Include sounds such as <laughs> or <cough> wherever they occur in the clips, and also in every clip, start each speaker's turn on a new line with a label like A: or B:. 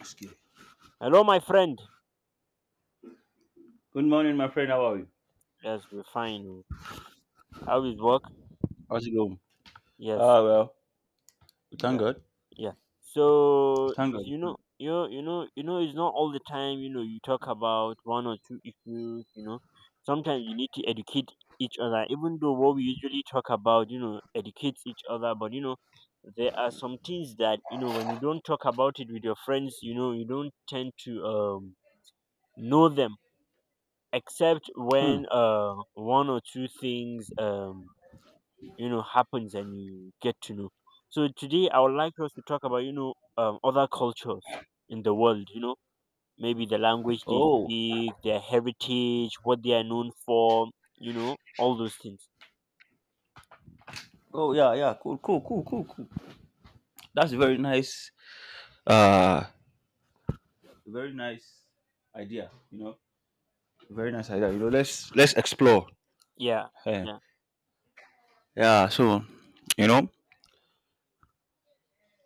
A: Excuse me.
B: Hello, my friend.
A: Good morning, my friend. How are you?
B: Yes, we're fine. Oh. How is work?
A: How's it going?
B: Yes.
A: Ah, well, we thank
B: Yeah.
A: God.
B: Yeah.
A: We
B: So
A: thank
B: is-
A: God.
B: you know, it's not all the time. You talk about one or two issues. Sometimes you need to educate each other. Even though what we usually talk about, educates each other. But there are some things that when you don't talk about it with your friends. You don't tend to know them, except
A: Hmm.
B: when one or two things happens and you get to know. So today I would like us to talk about, other cultures in the world, maybe the language they
A: Oh,
B: speak, their heritage, what they are known for, all those things.
A: oh, yeah, yeah. Cool, cool, cool, cool, cool. That's a uh, very nice idea. You know, very nice idea. You know, let's explore.
B: Yeah,
A: Eh,
B: yeah,
A: yeah. So, you know,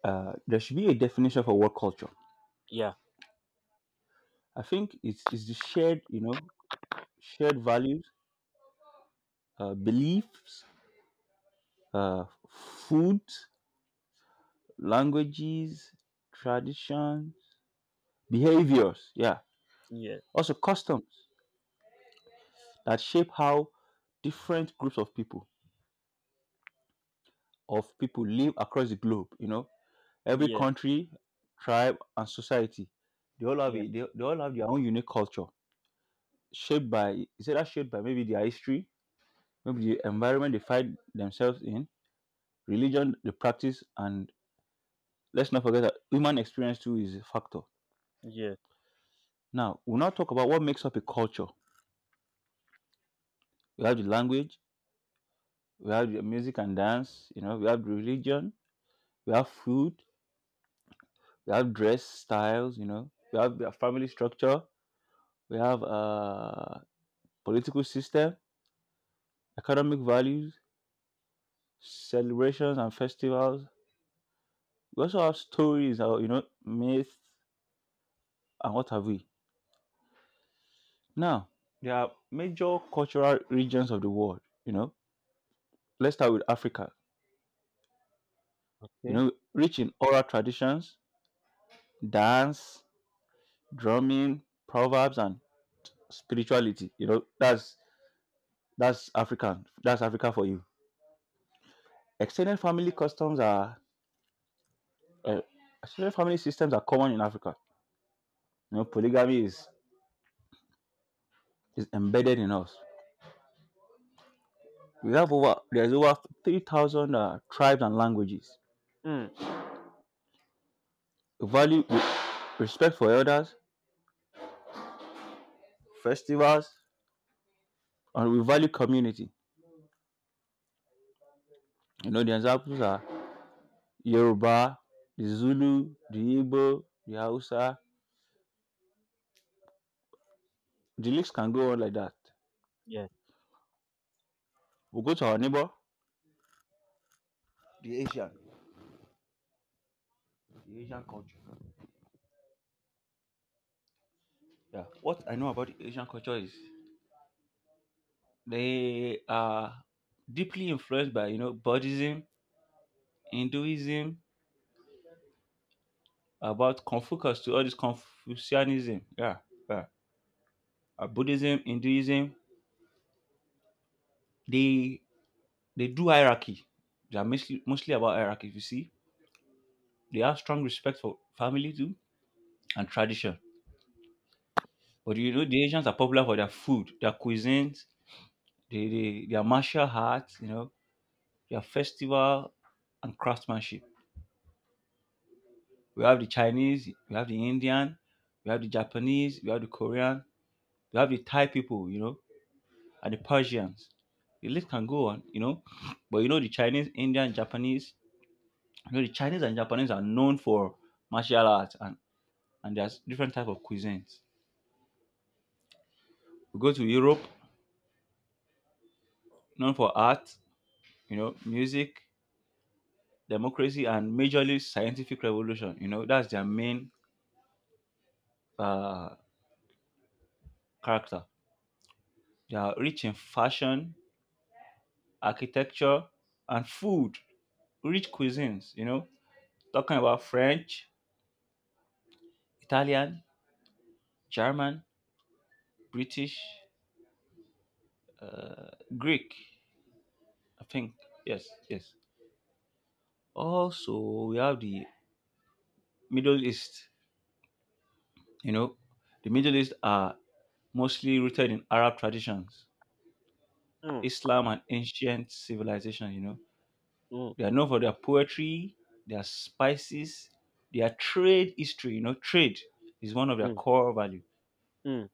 A: there should be a definition for what culture.
B: yeah,
A: I think it's the shared, you know, shared values, beliefs, food, languages, traditions, behaviors, yeah,
B: yeah,
A: also customs that shape how different groups of people live across the globe. You know, every
B: yeah,
A: country, tribe, and society, they all have
B: yeah,
A: a, they, they all have their own unique culture shaped by maybe their history, maybe the environment they find themselves in, religion, the practice, and let's not forget that human experience too is a factor.
B: yeah.
A: Now, we'll now talk about what makes up a culture. We have the language, we have the music and dance, you know, we have religion, we have food, we have dress styles, you know, we have the family structure, we have political system, economic values, celebrations and festivals. We also have stories, or you know, myths and what have we. Now, there are major cultural regions of the world, you know. Let's start with Africa. You
B: Okay.
A: know, rich in oral traditions, dance, drumming, proverbs and spirituality. You know, that's African. That's Africa for you. Extended family customs are uh, extended family systems are common in Africa. You know, polygamy is embedded in us. We have over there's over 3,000 tribes and languages.
B: Mm,
A: We value respect for elders, festivals, and we value community. You know, the examples are Yoruba, the Zulu, the Igbo, the Hausa. The list can go on like that.
B: yeah.
A: We go to our neighbor, the Asian, the Asian culture. Yeah. What I know about Asian culture is they are deeply influenced by you know Buddhism, Hinduism, about Confucius to all this Confucianism. Yeah, yeah. Buddhism, Hinduism. They they do hierarchy. They are mostly about hierarchy. If you see, they have strong respect for family too and tradition. But you know the Asians are popular for their food, their cuisines, their martial arts. You know their festival and craftsmanship. We have the Chinese, we have the Indian, we have the Japanese, we have the Korean, we have the Thai people, you know, and the Persians. The list can go on, you know. But you know the Chinese, Indian, Japanese, you know the Chinese and Japanese are known for martial arts and there's different type of cuisines. We go to Europe, known for art, you know, music, democracy, and majorly scientific revolution. You know, that's their main uh, character. They are rich in fashion, architecture, and food. Rich cuisines, you know, talking about French, Italian, German, British, Greek, I think. Yes, yes. Also, we have the Middle East, you know, the Middle East are mostly rooted in Arab traditions,
B: Mm,
A: Islam, and ancient civilization. You know,
B: mm,
A: they are known for their poetry, their spices, their trade history. You know, trade is one of their
B: mm,
A: core value.
B: mm,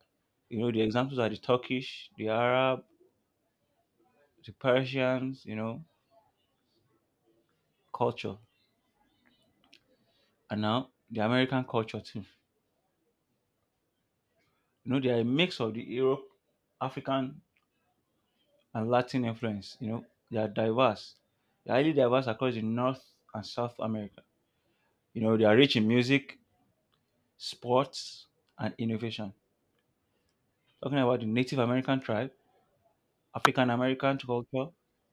A: You know, the examples are the Turkish, the Arab, the Persians, you know, culture. And now the American culture too. You know, they are a mix of the Europe, African and Latin influence. You know, they are diverse. They are highly diverse across the North and South America. You know, they are rich in music, sports, and innovation. Talking about the Native American tribe, African American culture,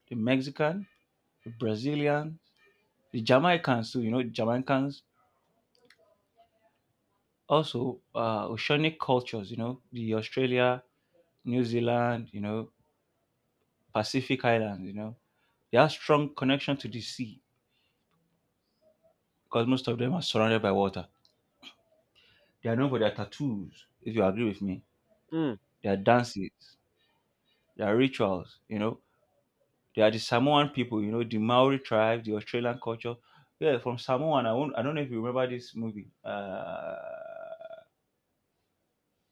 A: the Mexican, the Brazilian, the Jamaicans too. You know, Jamaicans. Also, oceanic cultures, you know, the Australia, New Zealand, you know, Pacific Islands, you know, they have strong connection to the sea because most of them are surrounded by water. They are known for their tattoos, if you agree with me,
B: mm.
A: their dances, their rituals, you know. They are the Samoan people, you know, the Maori tribe, the Australian culture. Yeah, from Samoan, I don't know if you remember this movie. Uh,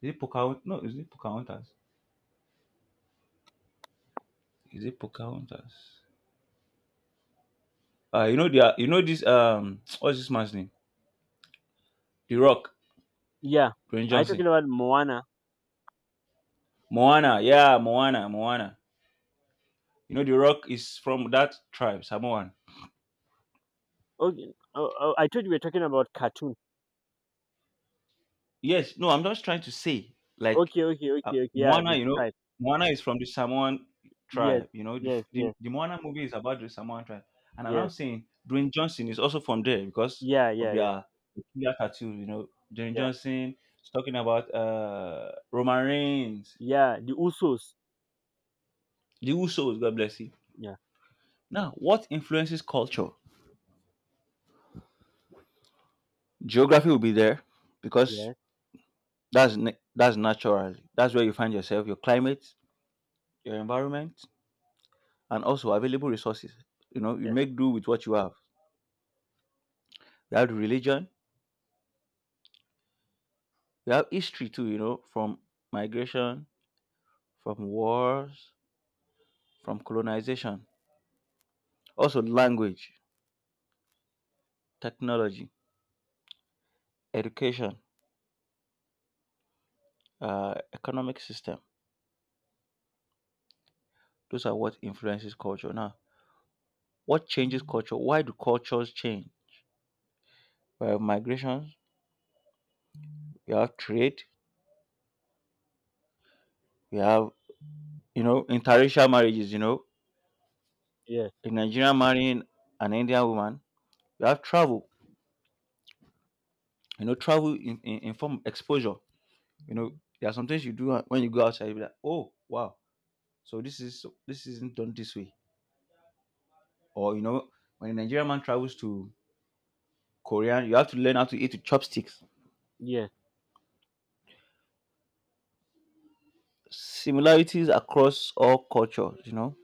A: is it Pocahontas? No, is it Pocahontas? Is it Pocahontas? You know the you know this <tsk> what's this man's name? The Rock,
B: Yeah.
A: Dwayne
B: Are you
A: Johnson.
B: talking about Moana?
A: Moana, yeah, Moana, Moana. You know The Rock is from that tribe, Samoan.
B: Okay. Oh, oh, I thought you were talking about cartoon.
A: Yes, no, I'm just trying to say like
B: Okay, okay, okay, okay. Yeah,
A: Moana.
B: the
A: You know,
B: tribe.
A: Moana is from the Samoan
B: Yes,
A: tribe. You know, the, f-
B: yes, yes,
A: the Moana movie is about the Samoan tribe, and I'm
B: yes.
A: not saying Dwayne Johnson is also from there because
B: Yeah,
A: of
B: yeah, yeah,
A: their peculiar tattoos. You know, Dwayne
B: yeah,
A: Johnson is talking about Roman Reigns,
B: yeah. The Usos.
A: the Usos. God bless you.
B: Yeah,
A: Now, what influences culture? Geography will be there because
B: yeah,
A: that's natural. That's where you find yourself, your climate, your environment, and also available resources. You know, you
B: yeah,
A: make do with what you have. You have religion. You have history too. You know, from migration, from wars, from colonization. Also, language, technology, education, economic system. Those are what influences culture. Now, what changes culture? Why do cultures change? Well, migration, we have trade, we have you know interracial marriages. You know,
B: yeah,
A: a Nigerian marrying an Indian woman. We have travel. You know, travel in form of exposure. You know, there are some things you do when you go outside. You be like, oh wow, so this is this isn't done this way. Or you know, when a Nigerian man travels to Korean, you have to learn how to eat with chopsticks.
B: yeah,
A: Similarities across all cultures. You know,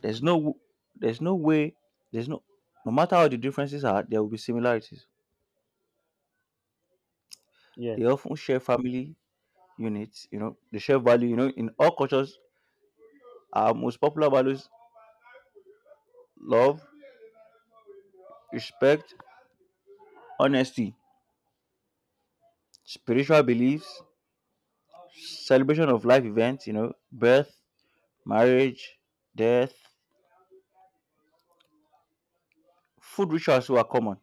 A: there's no there's no way there's no no matter how the differences are, there will be similarities.
B: yeah.
A: They often share family units, you know, the shared value, you know, in all cultures, our most popular values love, respect, honesty, spiritual beliefs, celebration of life events, you know, birth, marriage, death, food rituals were common.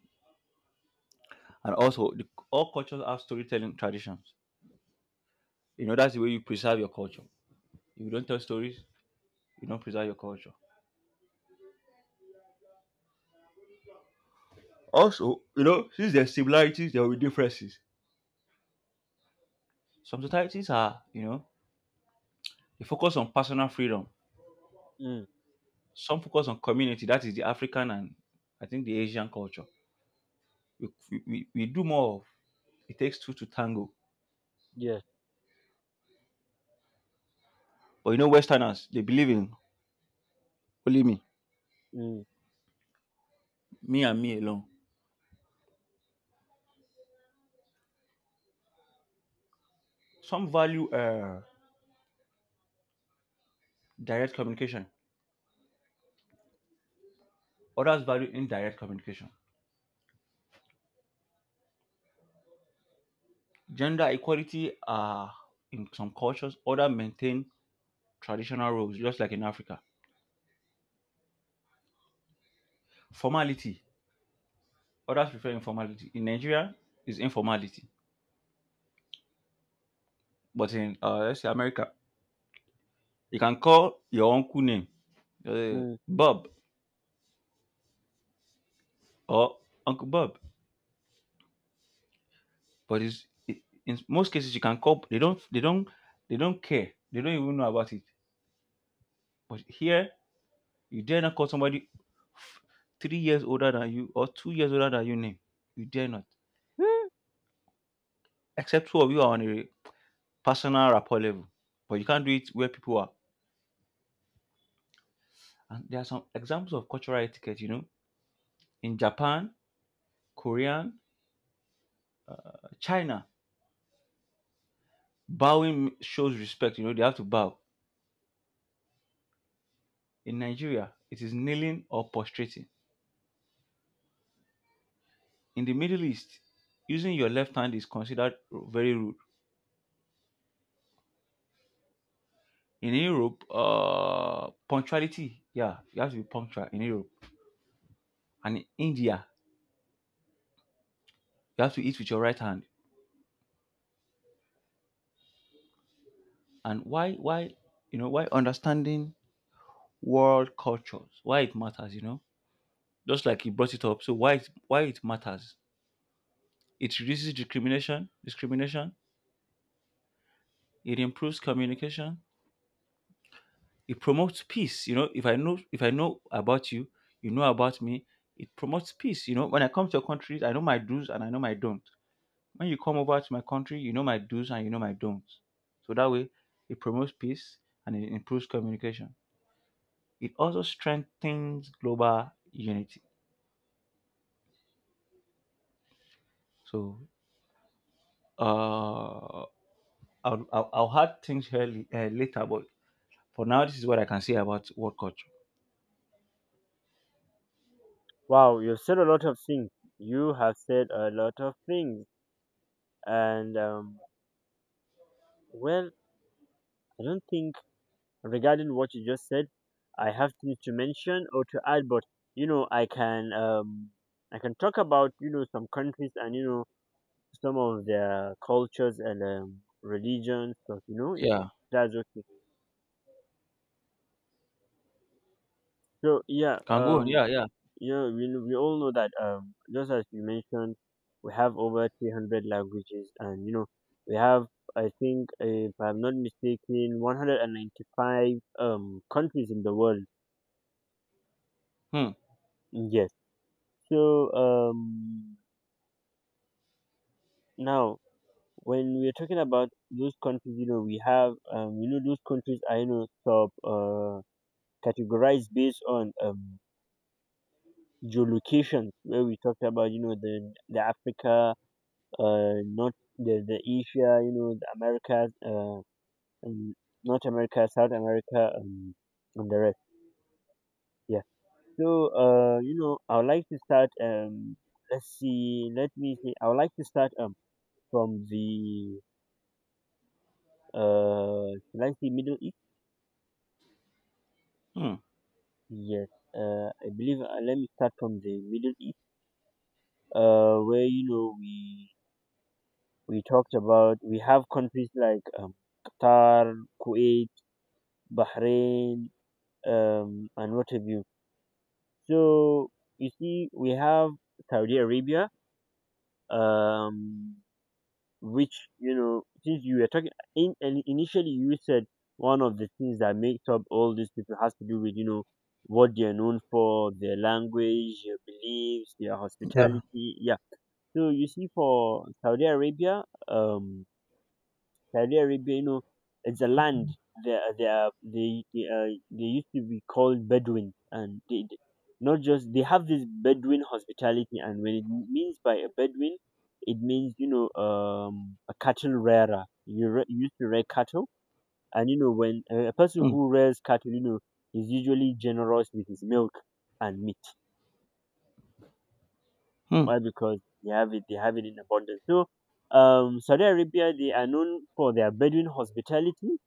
A: And also, all cultures have storytelling traditions. You know, that's the way you preserve your culture. If you don't tell stories, you don't preserve your culture. Also, you know, since there are similarities, there will be differences. Some societies are, you know, they focus on personal freedom,
B: Mm,
A: some focus on community. That is the African and I think the Asian culture. We, we, we do more of, it takes two to tango.
B: yeah,
A: But you know westerners, they believe in only me,
B: mm,
A: me and me alone. Some value direct communication, others value indirect communication. Gender equality in some cultures, others maintain traditional roles just like in Africa. Formality, others prefer informality. In Nigeria is informality, but in let's say America, you can call your uncle name, uh,
B: mm. <gasps>
A: Bob or Uncle Bob. But in most cases you can call. They don't. They don't. They don't care. They don't even know about it. But here you dare not call somebody f- 3 years older than you or 2 years older than you name. You dare not.
B: Hmm.
A: Except two of you are on a personal rapport level. But you can't do it where people are. And there are some examples of cultural etiquette. You know, in Japan, Korean, China, bowing shows respect. You know, they have to bow. In Nigeria, it is kneeling or prostrating. In the Middle East, using your left hand is considered very rude. In Europe, punctuality, yeah, you have to be punctual in Europe. And in India, you have to eat with your right hand. And why, you know, why understanding world cultures, why it matters, you know, just like you brought it up. So why, why it matters? It reduces discrimination. It improves communication. It promotes peace. You know if I know about you, you know about me. It promotes peace. You know when I come to your country I know my do's and I know my don't. When you come over to my country you know my do's and you know my don'ts, so that way it promotes peace and it improves communication. It also strengthens global unity. So uh I'll add things here later, but for now this is what I can say about world culture.
B: Wow, you've said a lot of things. You have said a lot of things, and well, I don't think regarding what you just said, I have things to mention or to add. But you know, I can um, I can talk about some countries and some of their cultures and religions. So if
A: Yeah,
B: that's okay. So, yeah,
A: can go on. Yeah, yeah.
B: we all know that, just as you mentioned, we have over 300 languages, and we have, I think if I'm not mistaken, 195 countries in the world.
A: Hmm,
B: Yes. So now when we're talking about those countries, we have those countries are sub categorized based on geolocation, where we talked about, the Africa, North, the Asia, the Americas, and North America, South America, and the rest. Yeah. So, I would like to start. Let's see. Let me see. I would like to start from the, should I say, Middle East?
A: hmm.
B: Yes. I believe. Let me start from the Middle East. Where we talked about, we have countries like Qatar, Kuwait, Bahrain, and what have you. So you see, we have Saudi Arabia, um, which since you were talking in initially, you said one of the things that makes up all these people has to do with, what they are known for, their language, their beliefs, their
A: Yeah.
B: hospitality. Yeah. So you see, for Saudi Arabia, Saudi Arabia, it's a land. They are- they are, they they, uh, they used to be called Bedouin, and not just they have this Bedouin hospitality, and when it means by a Bedouin, it means a cattle rearer. You used to rear cattle, and when a person
A: Hmm,
B: who rears cattle, is usually generous with his milk and meat.
A: hmm.
B: Why? Because they have it in abundance. So Saudi Arabia, they are known for their Bedouin hospitality,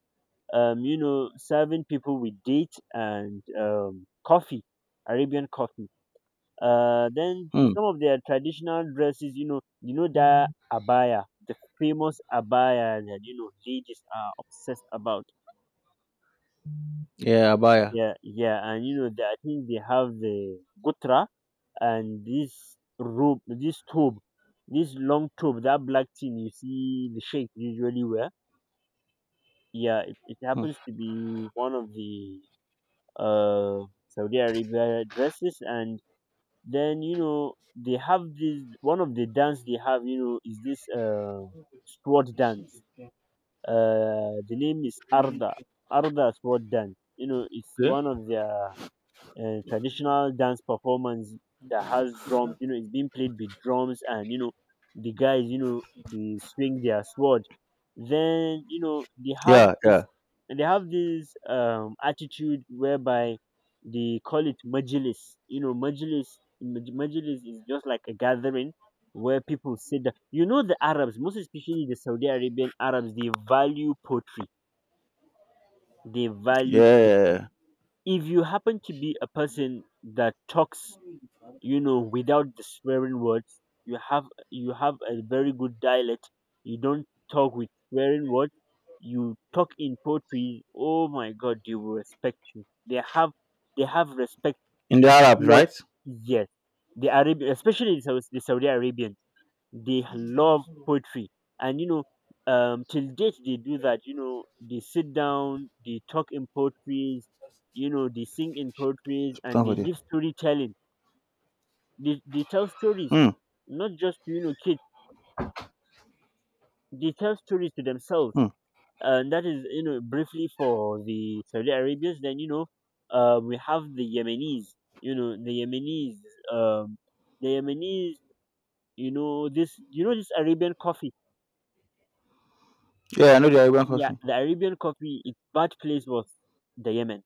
B: serving people with date and coffee, Arabian coffee. Then
A: Hmm.
B: some of their traditional dresses, you know that abaya, the famous abaya that ladies are obsessed about.
A: Yeah, Abaya.
B: Yeah, yeah, and that I think they have the gutra, and this robe, this tube, this long tube, that black thing you see the sheikh usually wear. Yeah, it
A: Hmm.
B: happens to be one of the Saudi Arabia dresses, and then they have this, one of the dance they have, is this, sword dance. The name is Arda sword dance. It's
A: Okay.
B: one of their, traditional dance performance that has drums. It's being played with drums, and, the guys, they swing their sword. Then they have
A: Yeah,
B: this,
A: yeah,
B: and they have this attitude, whereby they call it majilis. Majilis, majilis is just like a gathering where people sit down. The Arabs, most especially the Saudi Arabian Arabs, they value poetry. They
A: yeah,
B: value
A: yeah,
B: poetry.
A: yeah.
B: If you happen to be a person that talks, without the swearing words, you have a very good dialect. You don't talk with swearing words, you talk in poetry. Oh my god, they will respect you. They have respect
A: In the Arabs,
B: towards -
A: right?
B: yes, the Arabian, especially the, the Saudi Arabians, they love poetry. And till date they do that. They sit down, they talk in poetries, they sing in poetries,
A: It's put
B: and
A: on for
B: they
A: there.
B: give storytelling. They tell stories,
A: Hmm,
B: not just to, kids, they tell stories to themselves.
A: hmm.
B: And that is, briefly, for the Saudi Arabians. Then, we have the Yemenis. The Yemenis, um, the yemenis you know this Arabian coffee.
A: Yeah, I know the Arabian
B: Yeah,
A: coffee.
B: the Arabian coffee, its bad place was the Yemen,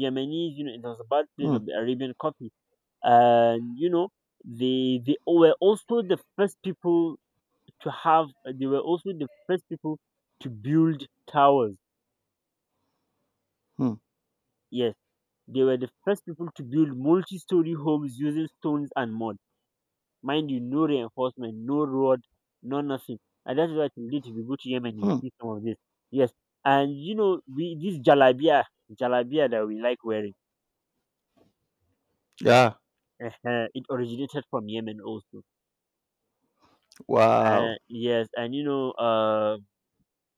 B: Yemenis. It was a bad place
A: Hmm,
B: of the Arabian coffee. And they were also the first people to have they were also the first people to build towers.
A: hmm,
B: Yes, they were the first people to build multi-story homes using stones and mud. Mind you, no reinforcement, no road, no nothing. And that's why today if you go to Yemen, you
A: hmm.
B: see some of this. Yes, and we this jalabia that we like wearing,
A: Yeah.
B: <laughs> it originated from Yemen also. Uh,
A: Wow.
B: yes, and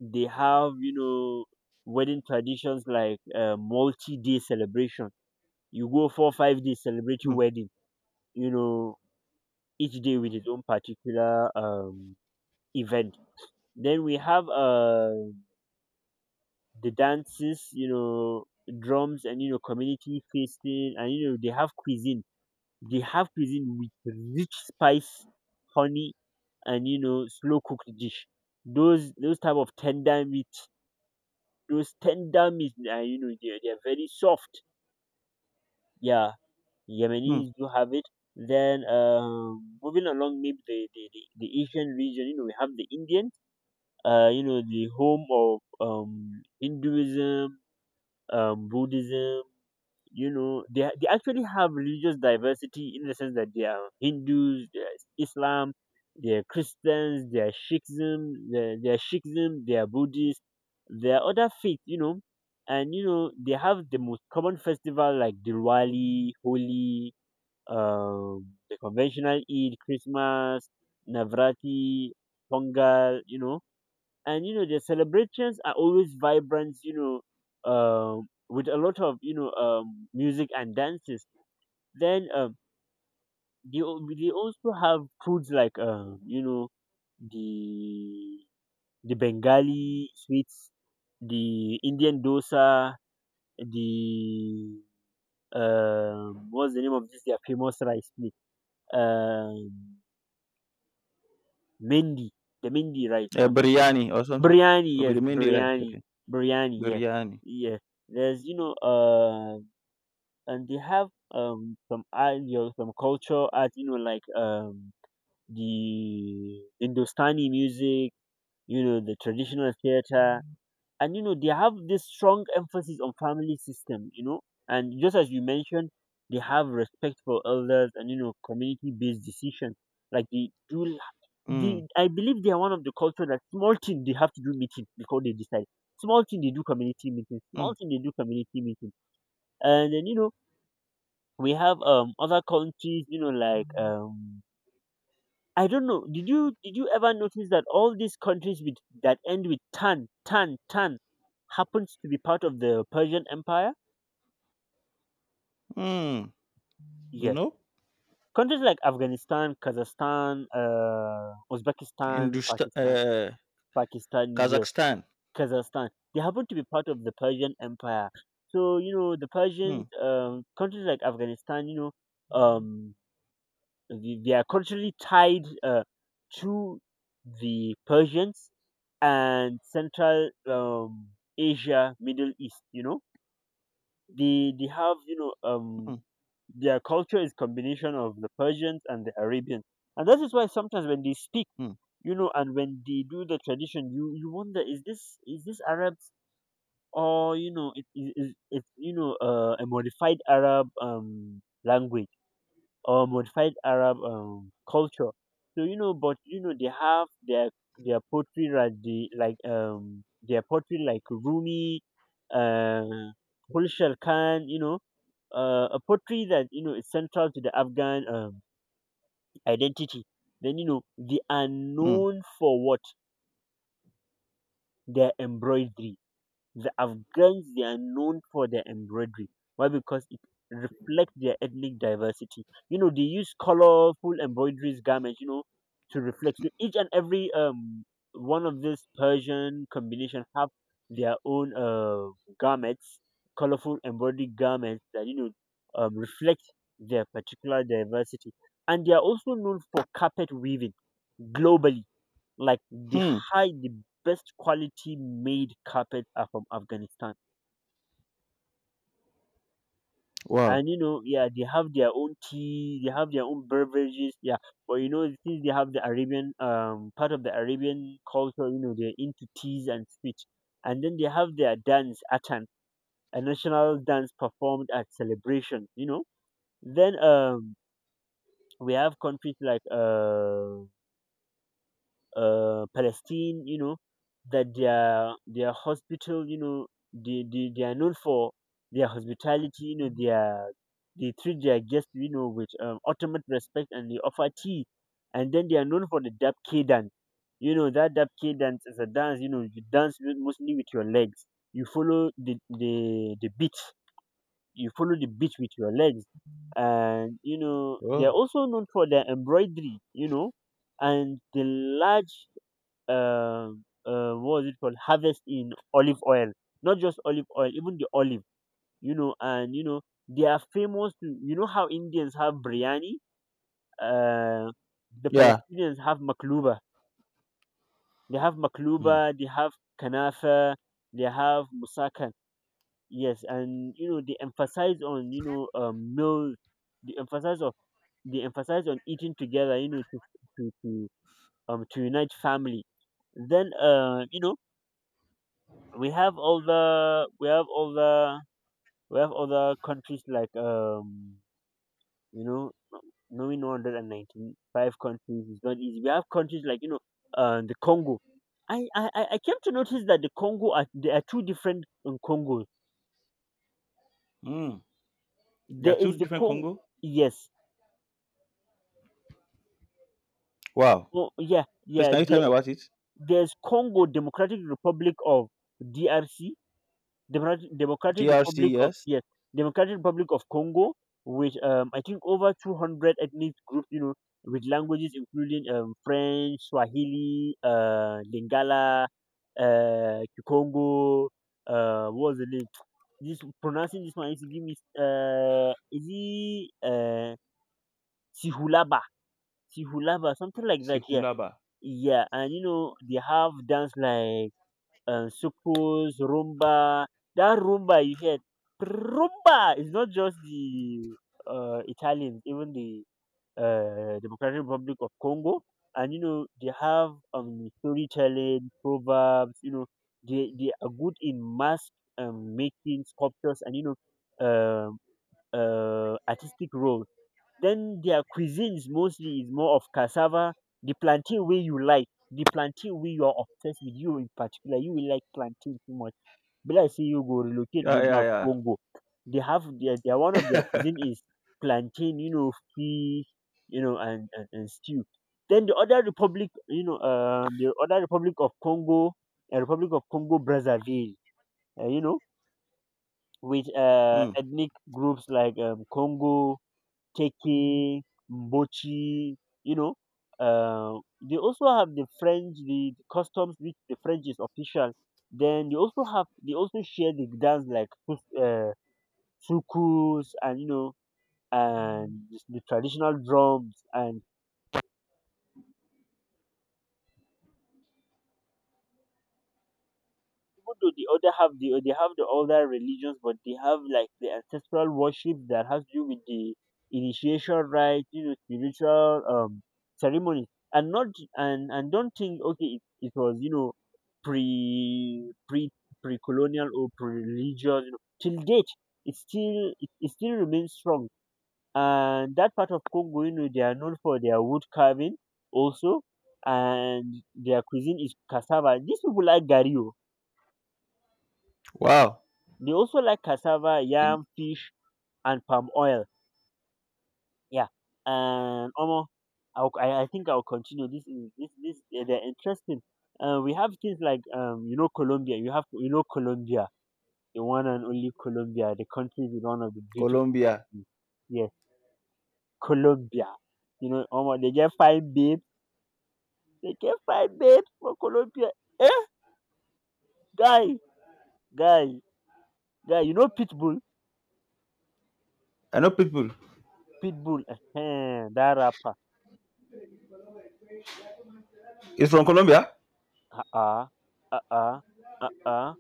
B: they have, wedding traditions like, multi-day celebration. You go 4 or 5 days celebrating
A: Hmm,
B: wedding. you know each day with its own particular, event. Then we have, the dances, drums, and community feasting, and they have cuisine with rich spice, honey, and slow cooked dish, those type of tender meat, those tender meat, and they are very soft. Yeah.
A: hmm.
B: Yemenis do have it. Then moving along, maybe the Asian region, we have the Indian, the home of, Hinduism, Buddhism. They actually have religious diversity in the sense that they are Hindus, they are Islam, they are Christians, they are Sikhism, they are Buddhists, there are other faiths. And they have the most common festival like Diwali, Holi, the conventional Eid, Christmas, Navrati, Pongal, and the celebrations are always vibrant, with a lot of, music and dances. Then they also have foods like, the the Bengali sweets, the Indian dosa, the, what's the name of this? Their famous rice plate. Um, Mendy, the Mendy, right?
A: Yeah,
B: Am I correct?
A: biryani or something.
B: Biryani,
A: Okay,
B: yes,
A: the main day, right?
B: biryani,
A: Okay,
B: biryani, yeah,
A: biryani.
B: yeah. There's, and they have, some art, some cultural art, like the Hindustani music, the traditional theater, and they have this strong emphasis on family system. And just as you mentioned, they have respect for elders and, community based decision. Like they do,
A: Hmm,
B: I believe they are one of the culture that small thing they have to do meeting before they decide. Small thing they do community meeting.
A: hmm,
B: Small thing they do community meeting. And then we have, other countries, like, I don't know. Did you ever notice that all these countries with that end with tan, tan, tan happens to be part of the Persian Empire?
A: hmm.
B: Yes.
A: No,
B: Countries like Afghanistan, Kazakhstan, Uzbekistan,
A: Hindustan,
B: Pakistan, Pakistan, yes,
A: Kazakhstan.
B: Kazakhstan. They happen to be part of the Persian Empire. So, the
A: Hmm,
B: Persians, countries like Afghanistan. You know, um, They they are culturally tied, to the Persians and Central, Asia, Middle East. They have,
A: hmm,
B: their culture is combination of the Persians and the Arabians, and that is why sometimes when they speak,
A: hmm,
B: and when they do the tradition, you wonder, is this Arabs? Or, it is, it, you know a modified Arab language, or modified Arab, culture. So, but they have their poetry like Rumi, uh, Hulshal Khan. You know, a poetry that you know is central to the Afghan identity. Then you know they are
A: hmm,
B: known for what their embroidery. The Afghans they are known for their embroidery. Why? Because it reflects their ethnic diversity. You know, they use colorful embroideries garments, you know, to reflect so each and every one of this Persian combination have their own garments, colorful embroidery garments that you know reflect their particular diversity. And they are also known for carpet weaving globally like the
A: hmm.
B: high, the best quality made carpets are from Afghanistan.
A: Wow.
B: And you know, yeah, they have their own tea, they have their own beverages, yeah. But you know, since they have the Arabian, part of the Arabian culture, you know, they're into teas and speech. And then they have their dance, Atan, a national dance performed at celebration. Then we have countries like Palestine, you know, that their hospital, you know, they are known for their hospitality, you know, they are they treat their guests, you know, with ultimate respect, and they offer tea. And then they are known for the Dabke dance. You know, that Dabke dance is a dance, you know, you dance with, mostly with your legs. You follow the beat. You follow the beat with your legs. And, you know, they are
A: Oh.
B: also known for their embroidery, you know, and the large what was it called, harvest in olive oil, not just olive oil, even the olive, you know. And you know they are famous to, you know, how Indians have biryani, uh, the
A: Yeah.
B: Palestinians have makluba. They have
A: Hmm,
B: makluba, they have kanafa, they have musakan. Yes, and you know they emphasize on, you know, meals. They emphasize on, they emphasize on eating together, you know, to to to unite family. Then you know we have all the we have all the we have other countries like you know, knowing 195 countries is not easy. We have countries like you know the Congo. I came to notice that the Congo are, there are two different Congos.
A: hmm. There are
B: There
A: two
B: is the
A: different
B: Congo.
A: Congo.
B: Yes.
A: Wow.
B: Oh yeah,
A: Please,
B: yeah,
A: can you tell me
B: there,
A: about it?
B: there's Congo Democratic Republic of, DRC. Democratic
A: DRC,
B: Republic of,
A: yes.
B: yes, Democratic Republic of Congo with I think over 200 ethnic groups, you know, with languages including French, Swahili, Lingala, Kikongo, what was the name? This pronouncing this one is, give me is he Sihulaba. Sihulaba, something like that, yeah.
A: Sihulaba.
B: Yeah, and you know, they have dance like suku's rumba. That rumba you hear, rumba is not just the Italians, even the Democratic Republic of Congo. And you know they have storytelling, proverbs. You know they are good in mask making sculptures, and you know um, artistic roles. Then their cuisines mostly is more of cassava, the plantain wey you like, the plantain wey you are obsessed with, you in particular, you will like plantain too much. Be like sey you go relocate
A: Yeah,
B: go
A: yeah,
B: back
A: yeah.
B: Congo. They have their one of their cuisine is plantain, you know, fish, you know, and stew. Then the other republic, you know, the other republic of Congo, Republic of Congo Brazzaville, you know, with
A: Hmm.
B: ethnic groups like Congo, Keke, Mbochi, you know. They also have the French, the customs which the French is official. Then they also have, they also share the dance like sukus, and you know, and the traditional drums, and even though the other have the, they have the other religions, but they have like the ancestral worship that has to do with the initiation rites, you know, spiritual ceremonies, and not and don't think okay, it was you know pre pre pre colonial or pre religious, you know, till date it still, it still remains strong. And that part of Congo, you know, they are known for their wood carving also, and their cuisine is cassava. These people like gario,
A: Wow.
B: they also like cassava,
A: The-
B: yam, fish, and palm oil. Yeah, and omo, I think I'll continue. This is this eh, they're interesting. We have things like you know, Colombia. You have, you know, Colombia, the one and only Colombia, the country with one of the beautiful.
A: Colombia.
B: Yes, Colombia. You know, omo, they get fine babe. They get fine babe for Colombia. Eh, guy, guy, guy. You know, Pitbull,
A: I know people.
B: Pitbull. That rapper.
A: It's from Colombia?
B: Uh-uh, uh-uh, uh-uh.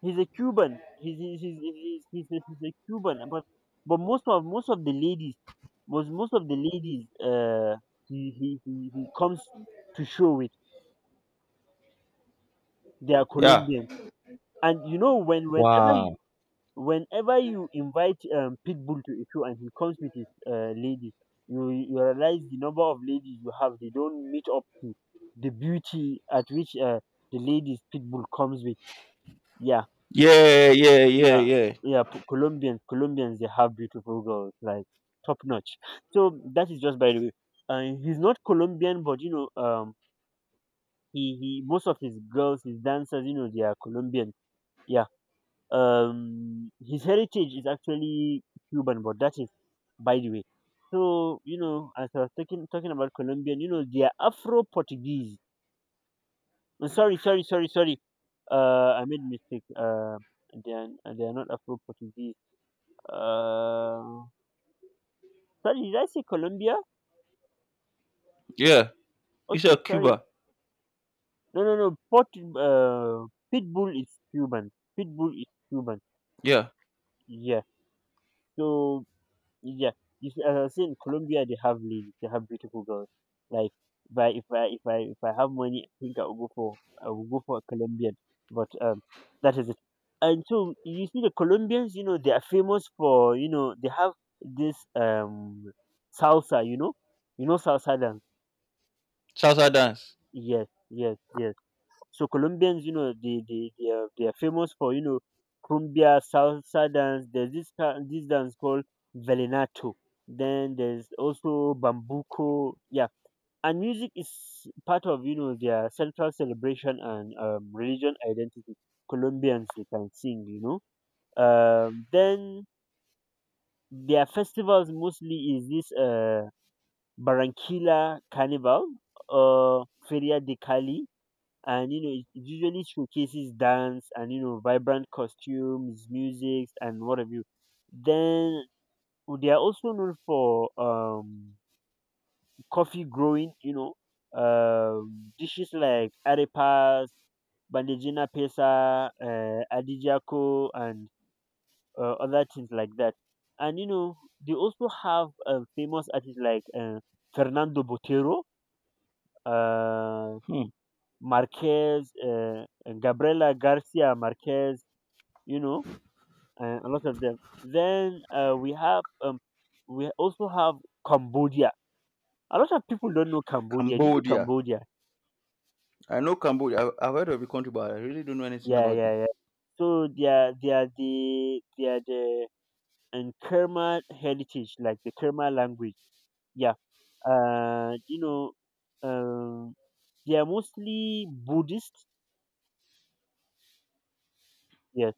B: He's a Cuban. He's a Cuban. But most of the ladies, most of the ladies, he comes to show with, they are
A: Yeah.
B: Colombian. And you know when whenever you
A: Wow.
B: whenever you invite Pitbull to a show, and he comes with his ladies, you realize the number of ladies you have. They don't meet up to the beauty at which the ladies Pitbull comes with. Yeah.
A: Yeah, yeah, yeah,
B: Yeah,
A: yeah.
B: yeah. Colombians, they have beautiful girls, like top notch. So that is just by the way. He's not Colombian, but you know, he he. Most of his girls, his dancers, you know, they are Colombian. Yeah. His heritage is actually Cuban, but that is by the way. So you know, as I was talking about Colombian, you know, they are Afro Portuguese. Oh, sorry, sorry, sorry, sorry. I made mistake. They are, they are not Afro Portuguese. Uh. Sorry, did I say Colombia?
A: Yeah. It's a
B: Okay, sorry.
A: Cuba.
B: No, no, no. Uh, Pitbull is Cuban. Pitbull is Cuban.
A: Yeah.
B: Yeah. So yeah, if, as I was saying, Colombia they have ladies, they have beautiful girls. Like if I have money, I think I will go for, I will go for a Colombian. But that is it. And so you see, the Colombians, you know, they are famous for, you know, they have this salsa. You know, salsa dance.
A: Salsa dance.
B: Yes, yes, yes. So Colombians, you know, they are, they are famous for, you know, cumbia, salsa dance. There's this this dance called vallenato. Then there's also bambuco. Yeah, and music is part of, you know, their central celebration and religion identity. Colombians they can sing, you know. Then their festivals mostly is this Barranquilla Carnival or Feria de Cali, and you know it usually showcases dance, and you know, vibrant costumes, music, and what have you. Then they are also known for coffee growing, you know, dishes like arepas, bandejina pesa, adijako, and other things like that. And you know they also have famous artists like Fernando Botero, uh
A: Hmm.
B: Marquez, Gabriela Garcia Marquez, you know, a lot of them. Then we have we also have Cambodia. A lot of people don't know Cambodia. Do you know
A: Cambodia.
B: Cambodia?
A: I know Cambodia. I've heard of the country, but I really don't know anything
B: Yeah,
A: about
B: yeah,
A: them.
B: yeah. So they are the and Kerma heritage, like the Kerma language. Yeah. You know, um, they are mostly Buddhist. Yeah,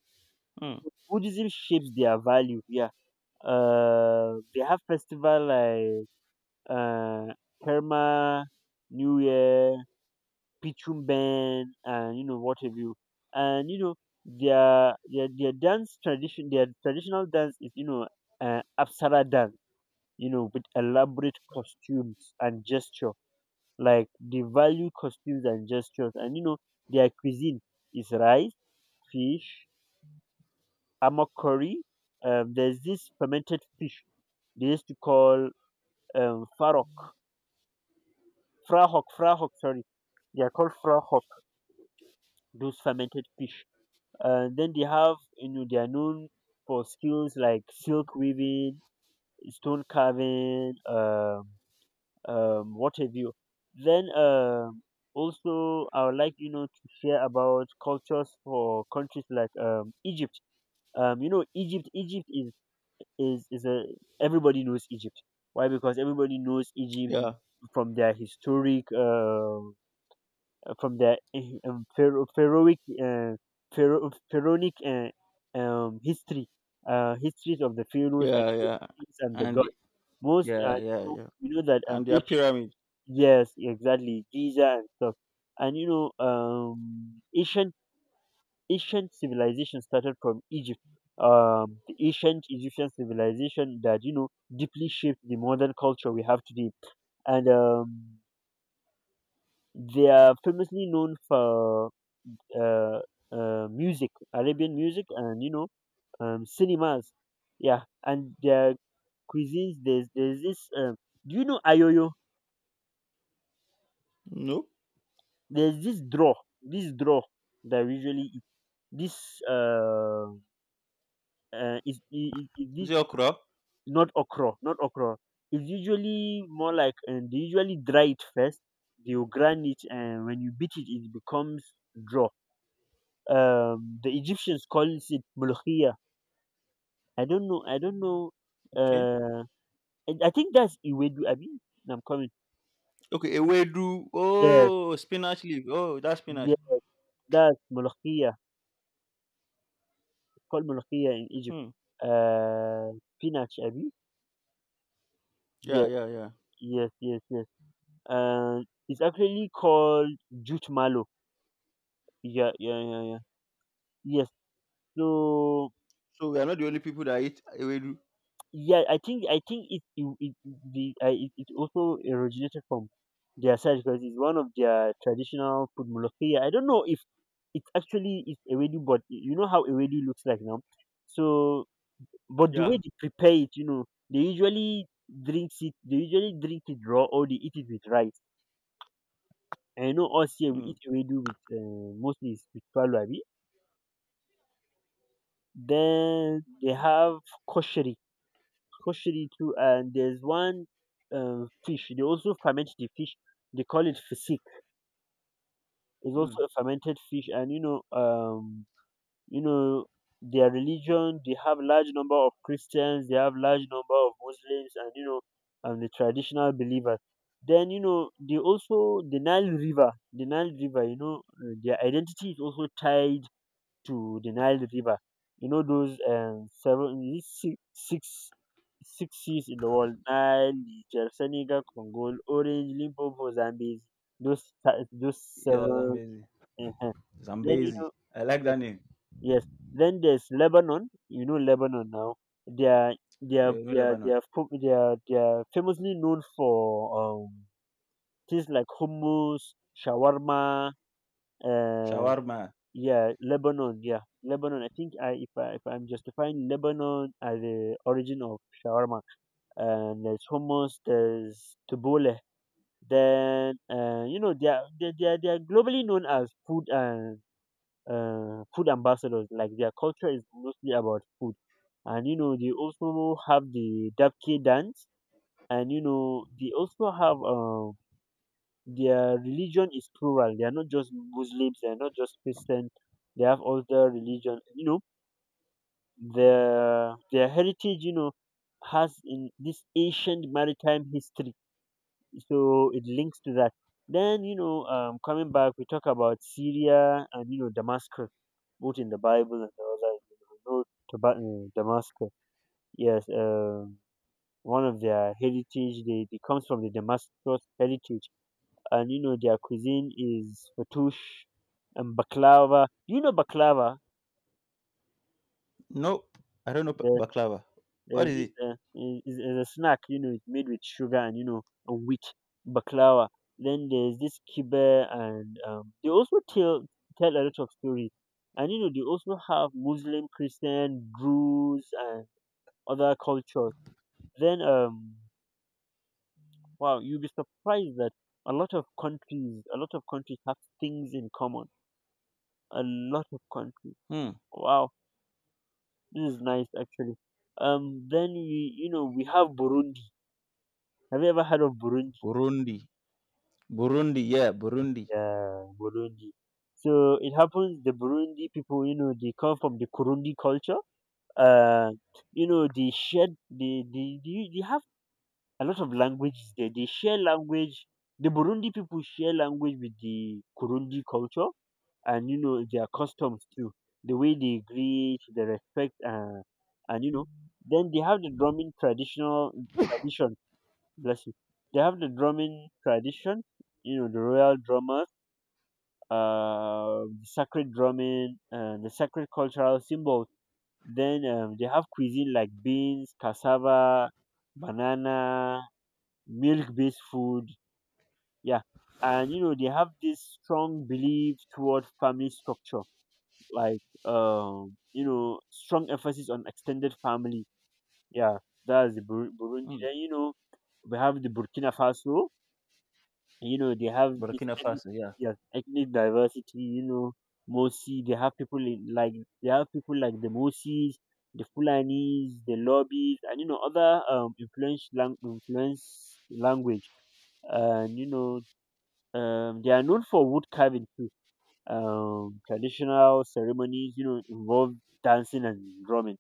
A: Hmm.
B: Buddhism shapes their value. Yeah. They have festival like uh Kerma New Year, Pichu men, and you know what have you. And you know their dance tradition, their traditional dance is, you know, Apsara dance. You know, with elaborate costumes and gesture. Like they value costumes and gestures, and you know their cuisine is rice, fish, amak curry. There's this fermented fish they used to call farok, frahok, frahok. Sorry, they are called frahok. Those fermented fish. And then they have, you know, they are known for skills like silk weaving, stone carving, what have you. Then also, I would like, you know, to share about cultures for countries like Egypt. You know, Egypt, is is a, everybody knows Egypt. Why? Because everybody knows Egypt
A: Yeah,
B: from their historic from their um, pharaoh, pharaohic, uh, pharaonic history, histories of the pharaohs and
A: yeah,
B: the
A: yeah.
B: kings and the
A: And the-
B: gods. Most
A: yeah,
B: you
A: yeah,
B: know,
A: yeah.
B: we know that
A: And their
B: ancient.
A: pyramid.
B: Yes, exactly. Giza and stuff. And you know, ancient civilization started from Egypt. The ancient Egyptian civilization that you know deeply shaped the modern culture we have today. And they are famously known for uh, music, Arabian music, and you know, cinemas. Yeah, and their cuisines. There's this. Do you know ayoyo?
A: No.
B: There's this draw that we usually eat. This is
A: Is
B: this,
A: it Okra?
B: not okra, not okra. It's usually more like they usually dry it first. They will grind it, and when you beat it, it becomes draw. The Egyptians call it mulkhia. I don't know. I don't know.
A: Okay.
B: Uh, And I think that's Iwedu, Abi. I'm coming.
A: Okay, ewedu.
B: Yes,
A: Oh, spinach leaf. Oh, that's spinach.
B: yes, that's Molokhia. It's called Molokhia in Egypt.
A: Hmm.
B: Spinach, Abi.
A: Yeah,
B: Yes,
A: yeah, yeah.
B: yes, yes, yes. Uh, it's actually called jute malo. Yeah, yeah, yeah, yeah. Yes. So
A: So we are not the only people that eat ewedu.
B: yeah, I think it also originated from their side because it's one of their traditional food molokhia. I don't know if it's ewedu, but you know how ewedu looks like now. So But the way
A: Yeah.
B: they prepare it, you know, they usually drink it. They usually drink it raw or they eat it with rice. And you know, us here we
A: Hmm.
B: eat ewedu with mostly is with swallow, abi. Then they have kosheri, kosheri too, and there's one fish. They also ferment the fish. They call it fisik. It's
A: Hmm.
B: also a fermented fish, and you know their religion, they have large number of Christians, they have large number of Muslims, and you know, and the traditional believers, then you know they also, the Nile River, the Nile River, you know, their identity is also tied to the Nile River. You know those seven, is it six, six seas in the world? Nile, Niger, Senegal, Congo, Orange, Limpopo, Zambezi, those
A: Yeah,
B: seven.
A: Zambezi.
B: <laughs> uh then you know,
A: Zambezi. I like that name.
B: yes. Then there's Lebanon. You know Lebanon now. They are they are
A: You know
B: they are they
A: Lebanon.
B: are, fo- they are famously known for things like hummus, shawarma. Uh,
A: Shawarma.
B: yeah, Lebanon. Yeah, Lebanon. I think I if I'm justifying Lebanon as the origin of shawarma. And there's hummus. There's tabbouleh. Then you know they are globally known as food and food ambassadors. Like their culture is mostly about food, and you know they also have the Dabke dance, and you know they also have their religion is plural. They are not just Muslims. They are not just Christian. They have other religion. You know their heritage, you know, has in this ancient maritime history, so it links to that. Then you know, coming back, we talk about Syria and you know Damascus, both in the Bible and the other. You know, Damascus. Yes. One of their heritage. They comes from the Damascus heritage, and you know their cuisine is fattoush and baklava. You know baklava.
A: Nope. I don't know
B: There,
A: baklava. What
B: there's
A: is
B: this
A: it?
B: is a snack. You know, it's made with sugar and you know and wheat baklava. Then there's this kibbeh, and they also tell a lot of stories. And you know they also have Muslim, Christian, Druze, and other cultures. Then Wow, you'll be surprised that a lot of countries, a lot of countries have things in common. A lot of countries.
A: Hmm.
B: Wow, this is nice actually. Then we, you know, we have Burundi. Have you ever heard of Burundi?
A: Burundi. Burundi. Yeah, Burundi.
B: Yeah, Burundi. So it happens the Burundi people, you know, they come from the Kurundi culture. Uh, you know, they share, they have a lot of languages there. They share language. The Burundi people share language with the Kurundi culture, and you know their customs too, the way they greet, the respect, and you know, then they have the drumming traditional tradition. Bless you. They have the drumming tradition. You know, the royal drummers, the sacred drumming, and the sacred cultural symbols. Then they have cuisine like beans, cassava, banana, milk-based food. Yeah, and you know they have this strong belief toward family structure, like you know strong emphasis on extended family. Yeah, burundi.
A: Hmm.
B: Then you know we have the Burkina Faso. You know they have this
A: Burkina
B: ethnic,
A: Faso. Yeah.
B: yeah, ethnic diversity. You know, mosi, they have people in, like, they have people like the mosis, the fulanis, the lobbies, and you know other influence language. And you know, they are known for wood carving, traditional ceremonies, you know, involve dancing and drumming.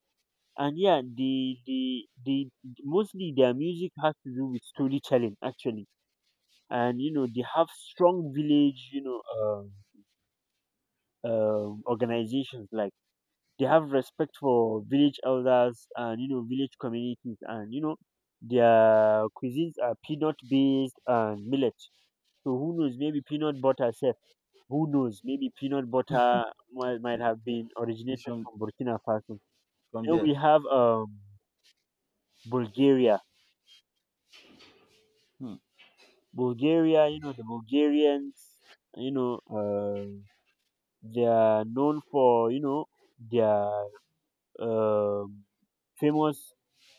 B: And yeah, the mostly their music has to do with storytelling actually. And you know, they have strong village, you know, organizations, like they have respect for village elders and you know village communities, and you know their cuisines are peanut based and millet. So who knows, maybe peanut butter sef. Who knows? Maybe peanut butter might have been
A: It's
B: originated
A: from
B: from Burkina Faso.
A: from
B: Then
A: there.
B: we have Bulgaria.
A: Hmm.
B: Bulgaria, you know, the Bulgarians, you know, they are known for, you know, their um, famous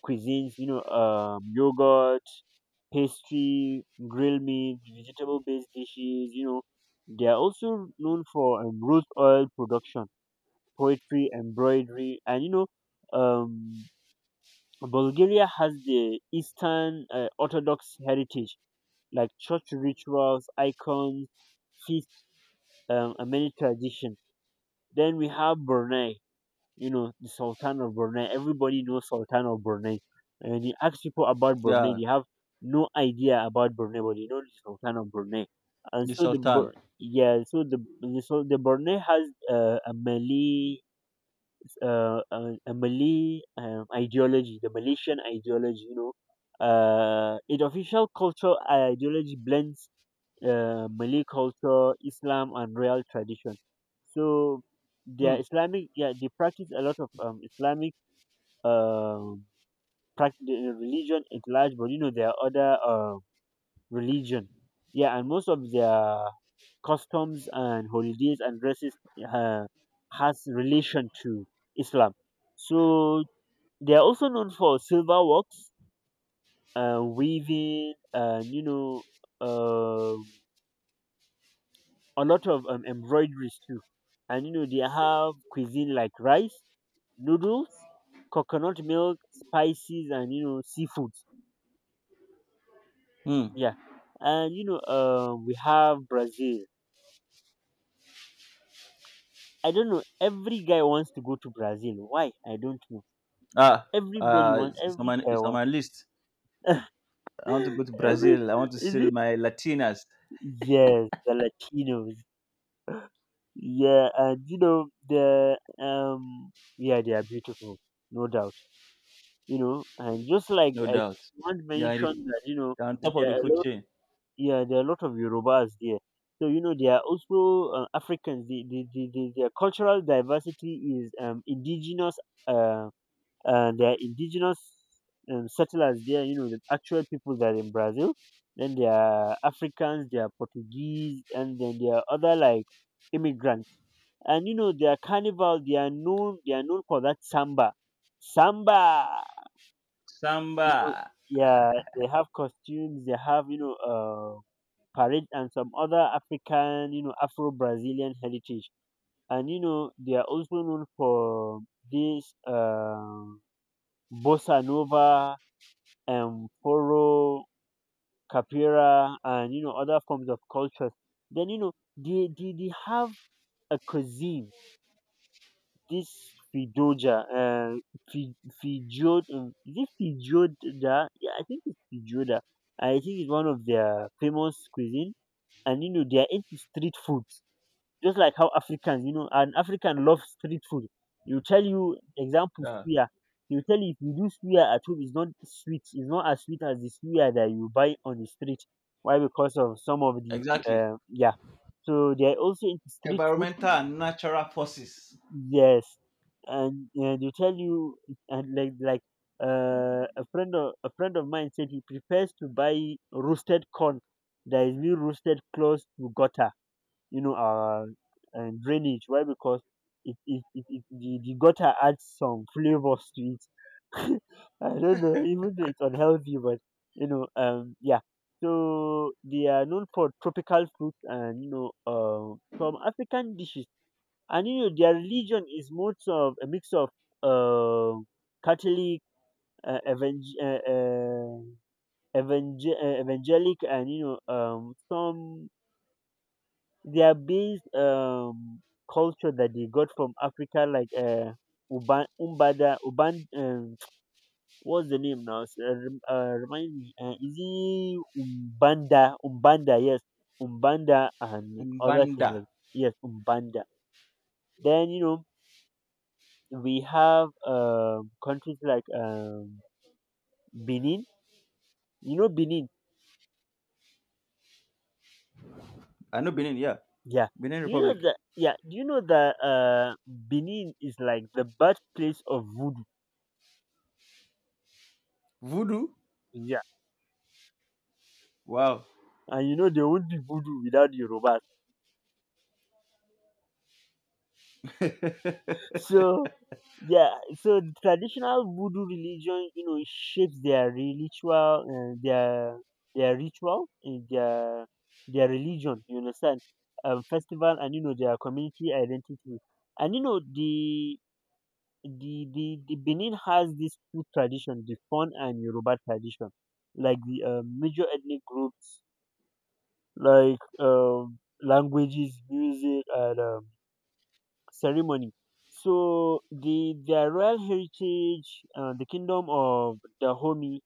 B: cuisines, you know, yogurt, pastry, grilled meat, vegetable based dishes, you know. They are also known for root oil production, poetry, embroidery, and you know, um, Bulgaria has the Eastern Orthodox heritage, like church rituals, icons, feast, and many traditions. Then we have Brunei, you know, the Sultan of Brunei. Everybody knows Sultan of Brunei. And when you ask people about Brunei,
A: Yeah.
B: they have no idea about Brunei, but they know the Sultan of Brunei. And
A: The
B: so the
A: Sultan.
B: Bur- yeah, so the Brunei has a Malay a Malay ideology, the Malaysian ideology. You know, its official cultural ideology blends Malay culture, Islam, and royal tradition. So they
A: Hmm.
B: are Islamic. Yeah, they practice a lot of Islamic um, prac- the religion at large, but you know there are other religion. Yeah, and most of their customs and holidays and dresses uh, has relation to Islam. So they are also known for silver works, weaving, and you know, uh, a lot of embroideries too. And you know, they have cuisine like rice, noodles, coconut milk, spices, and you know, seafoods.
A: Hmm.
B: Yeah, and you know, we have Brazil. I don't know. Every guy wants to go to Brazil. Why? I don't know.
A: Ah.
B: Everybody
A: Uh,
B: wants.
A: it's on my
B: Every guy
A: it's on my
B: wants.
A: list.
B: <gasps>
A: I want to go
B: <laughs>
A: to
B: Every,
A: Brazil. I want to see
B: is it?
A: my Latinas,
B: Yes, the Latinos. Yeah, and you know the yeah, they are beautiful, no doubt. You know, and just like
A: no
B: I
A: doubt.
B: think one
A: Yeah,
B: mentioned that you know
A: they're on top of
B: there
A: the
B: are
A: food
B: a lot,
A: chain.
B: yeah, there are a lot of Yorubas there. So you know they are also Africans. The their cultural diversity is indigenous, uh they are indigenous settlers there. You know the actual people that are in Brazil. Then there are Africans, there are Portuguese, and then there are other like immigrants. And you know their carnival, they are known for that samba, samba. You
A: Samba.
B: know, yeah, they have costumes, they have, you know, parade and some other african, you know, afro brazilian heritage. And you know they are also known for this bossa nova and foro, capoeira, and you know other forms of cultures. Then you know they have a cuisine, this Fidoja, Fi- is it Fijoda? Yeah, I think it's Fijoda. I think it's one of their famous cuisine, and you know they are into street foods, just like how Africans, you know, an African loves street food. You tell you example
A: Yeah,
B: suya, you tell you if you do suya at home, it's not sweet, it's not as sweet as the suya that you buy on the street. Why? Because of some of the
A: exactly.
B: yeah. So they are also into street food.
A: Environmental and natural forces.
B: Yes, and they tell you, and like a friend of mine said he prefers to buy roasted corn that is being roasted close to gutter, you know, and drainage. Why? Because the gutter adds some flavors to it. <laughs> I don't know, even though it's unhealthy, but you know, yeah. So they are known for tropical fruits and you know, some African dishes, and you know their religion is most of a mix of uh, Catholic, uh, evang- uh, uh, evangelic, and you know some their base culture that they got from Africa, like Uban Umbada Uban. <tsk> What's the name now? Remind me. Is it Umbanda? Umbanda, yes, Umbanda, and other things
A: Umbanda.
B: like, yes, Umbanda. Then you know we have countries like Benin. You know Benin,
A: I know Benin. Yeah,
B: yeah.
A: Benin
B: You know
A: Republic.
B: that, yeah. Do you know that Benin is like the birthplace of voodoo?
A: Voodoo.
B: Yeah,
A: Wow.
B: and you know there won't be voodoo without Yorubas. So yeah, so the traditional voodoo religion, you know, shapes their ritual, and their religion. You understand? Festival, and you know their community identity, and you know the Benin has these two traditions, the Fon and Yoruba tradition, like the major ethnic groups, like languages, music, and ceremony. So the their royal heritage, the kingdom of Dahomey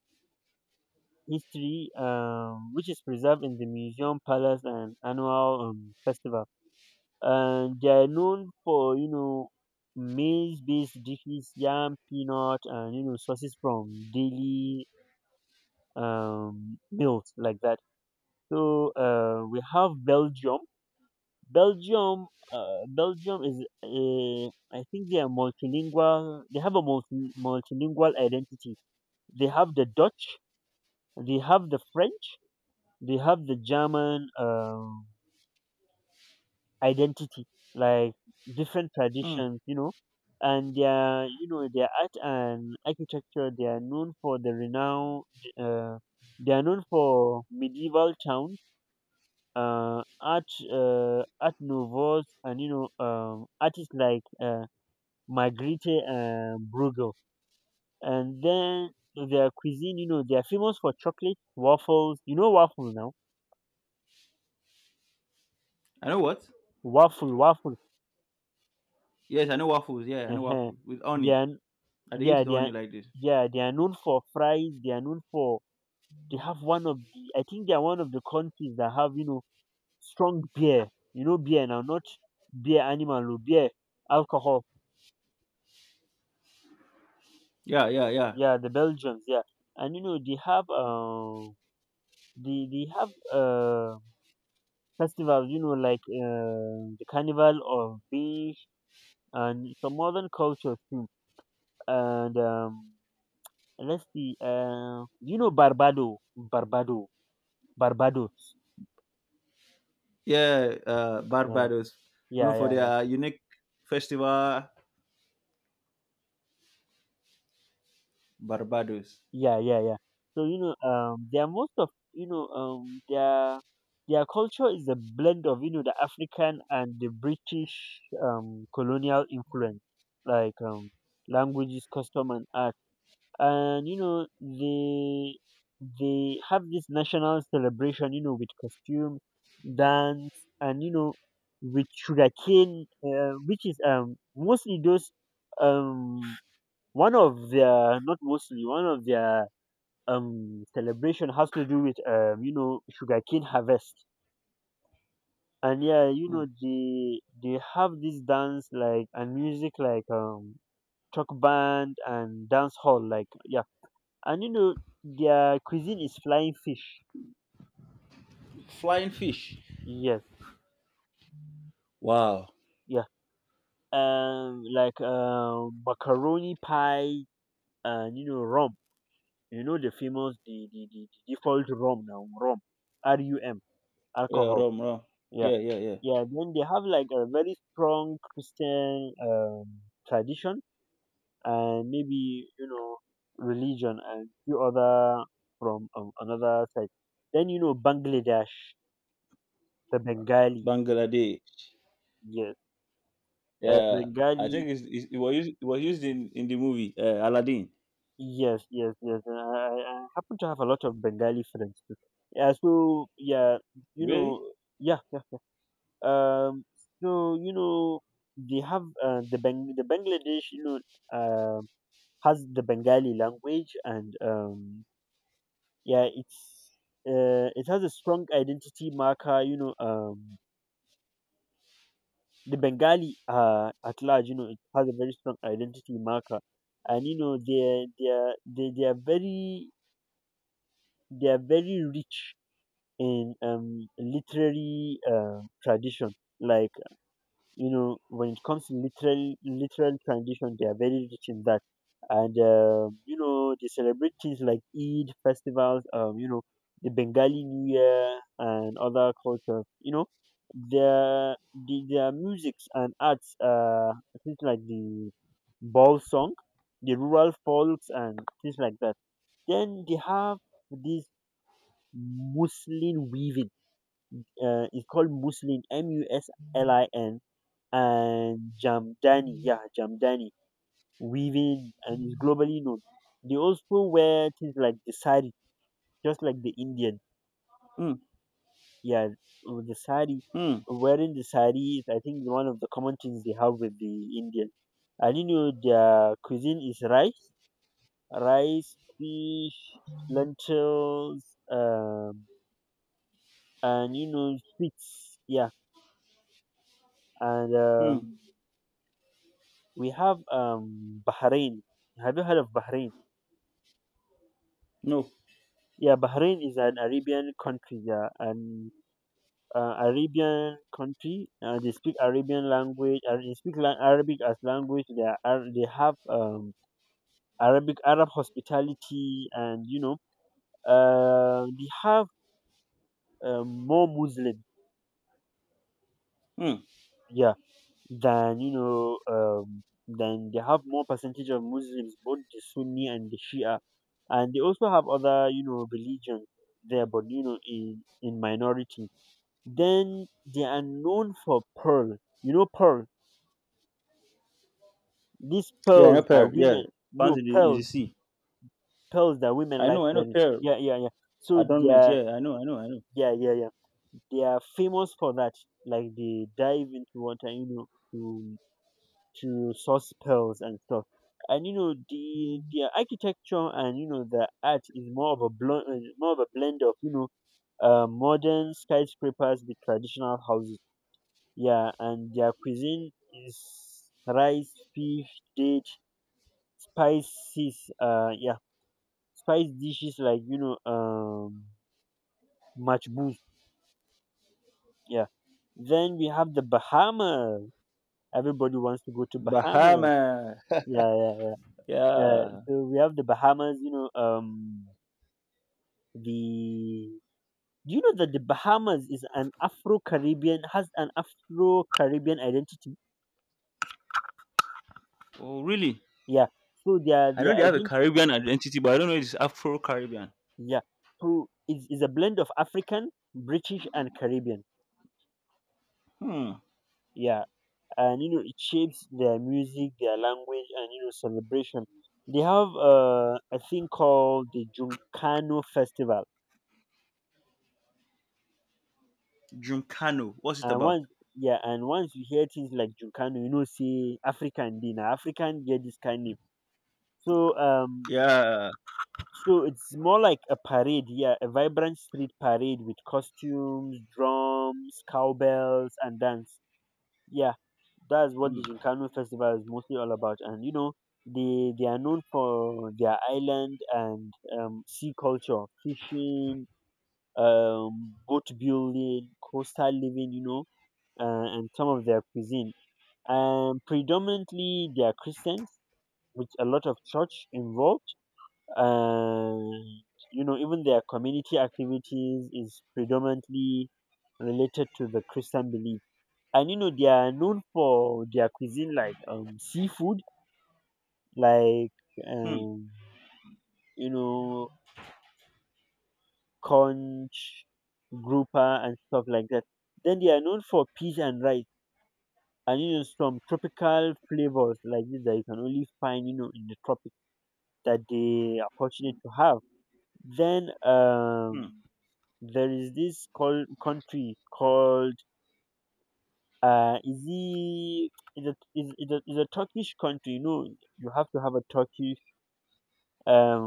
B: history, which is preserved in the museum, palace, and annual festival. And they are known for maize based dishes, yam, peanut, and sources from daily meals like that. So we have belgium belgium. Is a I think they are multilingual. They have a multilingual identity. They have the Dutch, they have the French, they have the German, identity, like different
A: Hmm.
B: traditions, you know. And their, their art and architecture, they are known for the renowned uh, they are known for medieval towns, art, art novels, and artists like Margrethe, Bruegel. And then their cuisine, you know, they are famous for chocolate waffles. You know, waffle now.
A: I know what?
B: Waffle.
A: Yes, I know waffles. Yeah, I know
B: Uh-huh.
A: waffles with
B: They
A: honey.
B: are,
A: I they eat
B: yeah,
A: with
B: they are,
A: honey like this.
B: yeah, they are known for fries. They are known for, they have one of the, I think they are one of the countries that have, you know, strong beer. You know, beer now, not beer animal, or beer alcohol.
A: Yeah, yeah, yeah,
B: Yeah, the Belgians, yeah. And you know, they have festivals, you know, like the carnival of beach, and some modern culture too. And let's see, you know, barbados
A: yeah.
B: yeah.
A: Barbados, known
B: Yeah,
A: for
B: yeah,
A: their unique festival. Barbados.
B: yeah, yeah, yeah, yeah. So you know, they are most of, their culture is a blend of, you know, the African and the British colonial influence, like, languages, custom, and art. And you know, they have this national celebration, you know, with costume, dance, and you know, with sugarcane, which is mostly those, um one of their, not mostly, one of their celebration has to do with, you know, sugarcane harvest. And yeah, you
A: Hmm.
B: know, they have this dance like and music like, truck band and dance hall, like, yeah. And you know, their cuisine is flying fish.
A: Flying fish.
B: Yes.
A: Wow.
B: Yeah. Like, macaroni pie, and you know, rum. You know, the famous, the default rum, now rum, r u m
A: Yeah,
B: alcohol
A: rum, rum.
B: Yeah,
A: Yeah, yeah, yeah.
B: yeah. Then they have like a very strong Christian tradition and maybe you know religion and few other from another side. Then you know Bangladesh, the Bengali,
A: Bangladesh.
B: yes, the
A: Yeah, I
B: Bengali,
A: think it was used in the movie Aladdin.
B: yes, yes, yes. And I happen to have a lot of Bengali friends too. Yeah, so yeah, you
A: Really?
B: know, yeah, yeah, yeah. Um, so you know they have the Bang the Bangladesh, you know. Um, has the Bengali language, and yeah, it's it has a strong identity marker. You know, the Bengali at large, you know, it has a very strong identity marker, and you know, they are very rich in literary tradition, like. You know when it comes to literal literal tradition they are very rich in that and you know they celebrate things like eid festivals you know the bengali new year and other cultures you know their the, their musics and arts things like the ball song the rural folks and things like that then they have this m-u-s-l-i-n. Weaving it's called muslin muslin and Jamdani, yeah, Jamdani, weaving and is globally known. They also wear things like the sari, just like the Indian.
A: Hmm.
B: Yeah, with the sari,
A: Hmm.
B: wearing the sari is, I think, one of the common things they have with the Indian. And you know, their cuisine is rice, rice, fish, lentils, um, and you know, sweets. Yeah, and
A: Hmm.
B: we have Bahrain. Have you heard of Bahrain?
A: No.
B: Yeah, Bahrain is an Arabian country. Yeah, and Arabian country. They speak Arabian language and they speak la- Arabic as language. They are Ar- they have Arabic Arab hospitality and you know they have more Muslims.
A: Hmm.
B: Yeah, than you know than they have more percentage of Muslims, both the Sunni and the Shia, and they also have other you know religions there, but you know in minority. Then they are known for pearl. You know pearl. These
A: Yeah, I know
B: pearls
A: pearl.
B: that
A: Yeah,
B: women
A: found
B: no
A: in the
B: pearls
A: sea.
B: pearls that women
A: I
B: like
A: know. I know
B: wearing.
A: pearl
B: Yeah, yeah, yeah. So they
A: adornment.
B: are
A: Yeah, I know. I know. I know.
B: yeah, yeah, yeah. They are famous for that. Like they dive into water, you know, to to source pearls and stuff. And you know the architecture and you know the art is more of a blend, more of a blend of you know modern skyscrapers with traditional houses. Yeah, and their cuisine is rice, fish, date, spices. Yeah, spice dishes like you know, machbous. Yeah. Then we have the Bahamas. Everybody wants to go to Bahamas.
A: Bahama.
B: Yeah, yeah,
A: <laughs>
B: yeah.
A: Yeah.
B: So we have the Bahamas. You know, the. Do you know that the Bahamas is an Afro Caribbean has an Afro Caribbean identity?
A: Oh, really?
B: Yeah. So
A: I know
B: their
A: they have a
B: identity
A: Caribbean identity, but I don't know if it's Afro Caribbean.
B: Yeah. So is it's a blend of African, British, and Caribbean.
A: Hmm.
B: Yeah. And, you know, it shapes their music, their language, and, you know, celebration. They have a thing called the Juncano Festival.
A: Juncano. What's it
B: And
A: about?
B: once, yeah, and once you hear things like Juncano, you know, say African dinner, African, get this kind of. So,
A: Yeah.
B: so it's more like a parade, yeah, a vibrant street parade with costumes, drums, cowbells, and dance. Yeah, that's what the Gincano festival is mostly all about. And you know, they are known for their island and sea culture, fishing, boat building, coastal living. You know, and some of their cuisine. Predominantly, they are Christians with a lot of church involved. And you know, even their community activities is predominantly related to the Christian belief and you know they are known for their cuisine like seafood like
A: Hmm.
B: um you know conch grouper and stuff like that then they are known for peas and rice and you know some tropical flavors like this that you can only find you know in the tropics that they are fortunate to have then
A: Hmm.
B: there is this called country called is it is a turkish country you know you have to have a turkish um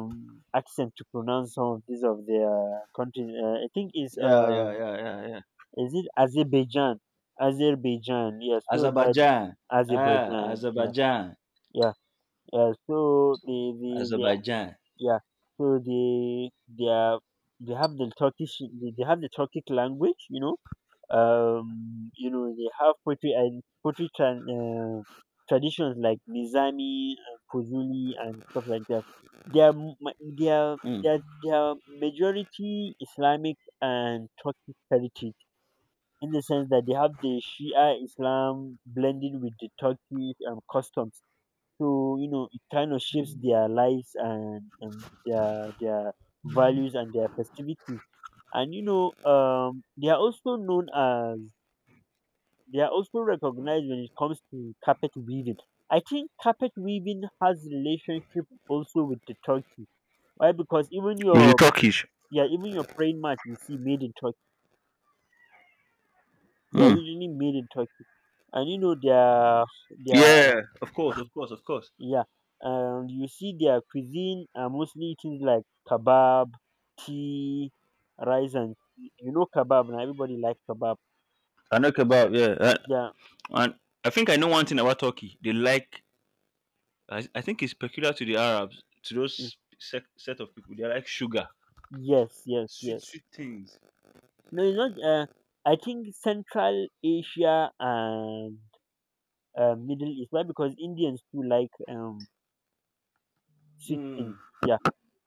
B: accent to pronounce some of these of their country. I think
A: Yeah. Yeah.
B: is it Azerbaijan? Azerbaijan, yeah. So that
A: Azerbaijan. Ah,
B: Azerbaijan, yeah,
A: Azerbaijan.
B: yeah, yeah. So they are-
A: Azerbaijan.
B: yeah. So they are, they have the Turkish they have the Turkic language, you know they have poetry and poetry tran traditions like nizami and fuzuli and stuff like that they are m- ma- they are they
A: Mm.
B: are, they are majority islamic and turkish heritage in the sense that they have the shia islam blended with the turkish customs so you know it kind of shapes their lives and their values and their festivities and you know they are also known as they are also recognized when it comes to carpet weaving. I think carpet weaving has relationship also with the Turkey. Why? Because even
A: With the
B: your
A: Turkish?
B: yeah, even your praying mat you see made in Turkey. They are
A: Hmm.
B: usually made in Turkey, and you know their
A: Yeah, of course, of course, of course.
B: yeah. You see their cuisine are mostly things like kebab, tea, rice, and you know kebab. Now everybody like kebab.
A: I know kebab.
B: Yeah,
A: Yeah,
B: yeah,
A: and I think I know one thing about Turkey. They like. I think it's peculiar to the Arabs, to
B: mm,
A: those set of people. They like sugar,
B: yes, yes,
A: sweet,
B: yes.
A: sweet things.
B: No, it's not. I think Central Asia and Middle East. Why? Because Indians do like sweet things. Yeah.